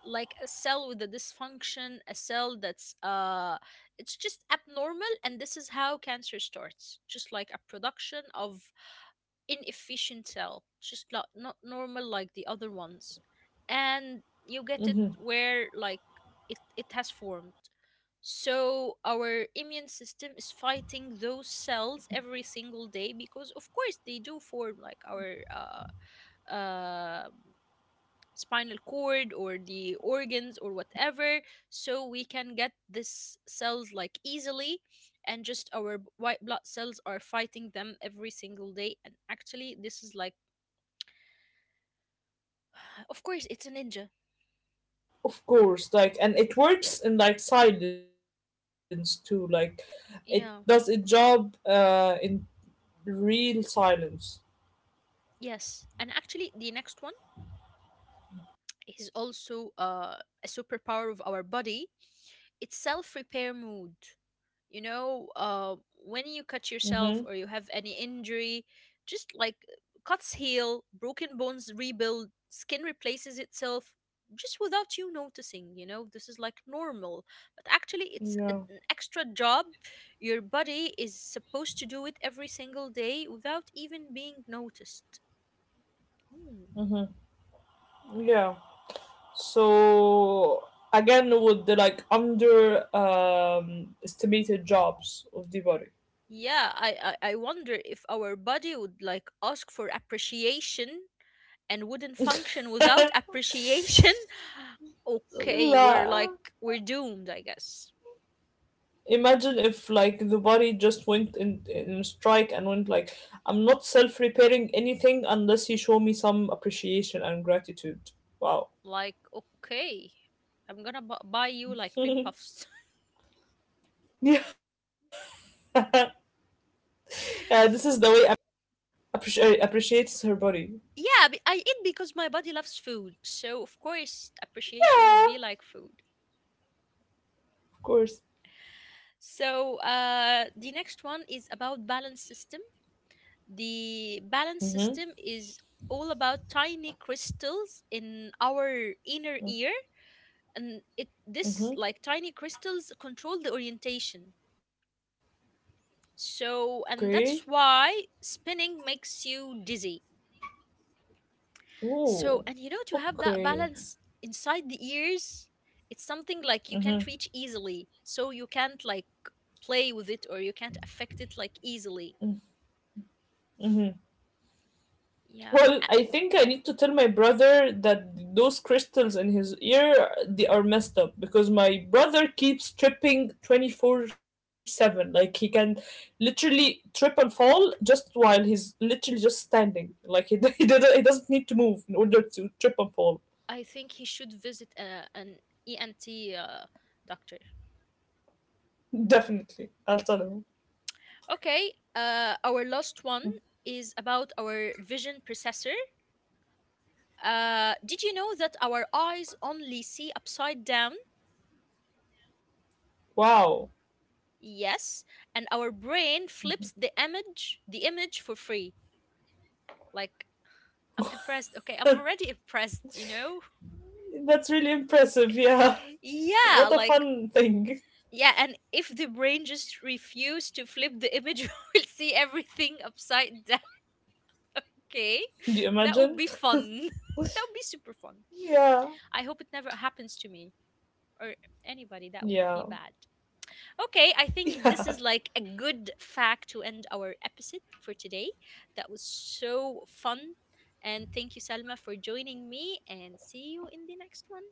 Speaker 1: like a cell with a dysfunction, a cell that's uh, it's just abnormal, and this is how cancer starts, just like a production of inefficient cell, just like not normal like the other ones, and you
Speaker 2: Hmm.
Speaker 1: get it where like it it has formed. So our immune system is fighting those cells every single day because of course they do form like our uh, uh, spinal cord or the organs or whatever. So we can get these cells like easily and just our b- white blood cells are fighting them every single day and actually this is like. Of course, it's a ninja.
Speaker 2: Of course. Like, and it works in like silence too. Like it
Speaker 1: Yeah.
Speaker 2: does its job uh in real silence.
Speaker 1: Yes. And actually, the next one is also uh, a superpower of our body. It's self repair mode. You know uh, when you cut yourself
Speaker 2: Mm-hmm.
Speaker 1: or you have any injury just like cuts heal, broken bones rebuild, skin replaces itself just without you noticing. You know, this is like normal, but actually it's a-
Speaker 2: Yeah.
Speaker 1: an extra job your body is supposed to do it every single day without even being noticed. Hmm.
Speaker 2: Yeah. So again with the like under um estimated jobs of the body.
Speaker 1: yeah I, I i wonder if our body would like ask for appreciation and wouldn't function without appreciation, okay,
Speaker 2: La.
Speaker 1: we're like we're doomed, I guess.
Speaker 2: Imagine if like the body just went in, in strike and went like, I'm not self repairing anything unless you show me some appreciation and gratitude. Wow.
Speaker 1: Like, okay, I'm gonna bu- buy you like cream puffs.
Speaker 2: Yeah. Yeah, this is the way appreci- appreciates her body.
Speaker 1: Yeah, be- I eat because my body loves food, so of course appreciation would
Speaker 2: Yeah,
Speaker 1: be like food.
Speaker 2: of course.
Speaker 1: So uh, the next one is about balance system. The balance
Speaker 2: Mm-hmm.
Speaker 1: system is all about tiny crystals in our inner ear and it this like tiny crystals control the orientation. So
Speaker 2: Okay.
Speaker 1: and that's why spinning makes you dizzy.
Speaker 2: Oh,
Speaker 1: So and you know to have that
Speaker 2: okay.
Speaker 1: balance inside the ears, it's something like you can't reach easily. So you can't like play with it or you can't affect it like easily. Yeah.
Speaker 2: Well,
Speaker 1: A-
Speaker 2: I think I need to tell my brother that those crystals in his ear, they are messed up because my brother keeps tripping twenty-four seven. Like he can literally trip and fall just while he's literally just standing. Like he he, doesn't, he doesn't need to move in order to trip and fall.
Speaker 1: I think he should visit uh, an E N T uh, doctor.
Speaker 2: Definitely. I'll tell him.
Speaker 1: Okay, uh, our last one is about our vision processor. Uh, did you know that our eyes only see upside down?
Speaker 2: Wow.
Speaker 1: Yes, and our brain flips the image, the image for free. Like I'm impressed. Okay, I'm already impressed, you know?
Speaker 2: That's really impressive. Yeah.
Speaker 1: Yeah,
Speaker 2: What a
Speaker 1: like
Speaker 2: fun thing.
Speaker 1: yeah, and if the brain just refuse to flip the image, we'll see everything upside down. Okay?
Speaker 2: Do you
Speaker 1: That would
Speaker 2: imagine?
Speaker 1: be fun. That would be super fun.
Speaker 2: Yeah.
Speaker 1: I hope it never happens to me or anybody. That would be
Speaker 2: Yeah.
Speaker 1: bad. Okay, I think this is
Speaker 2: Yeah.
Speaker 1: like a good fact to end our episode for today. That was so fun. And thank you, Salma, for joining me. And see you in the next one.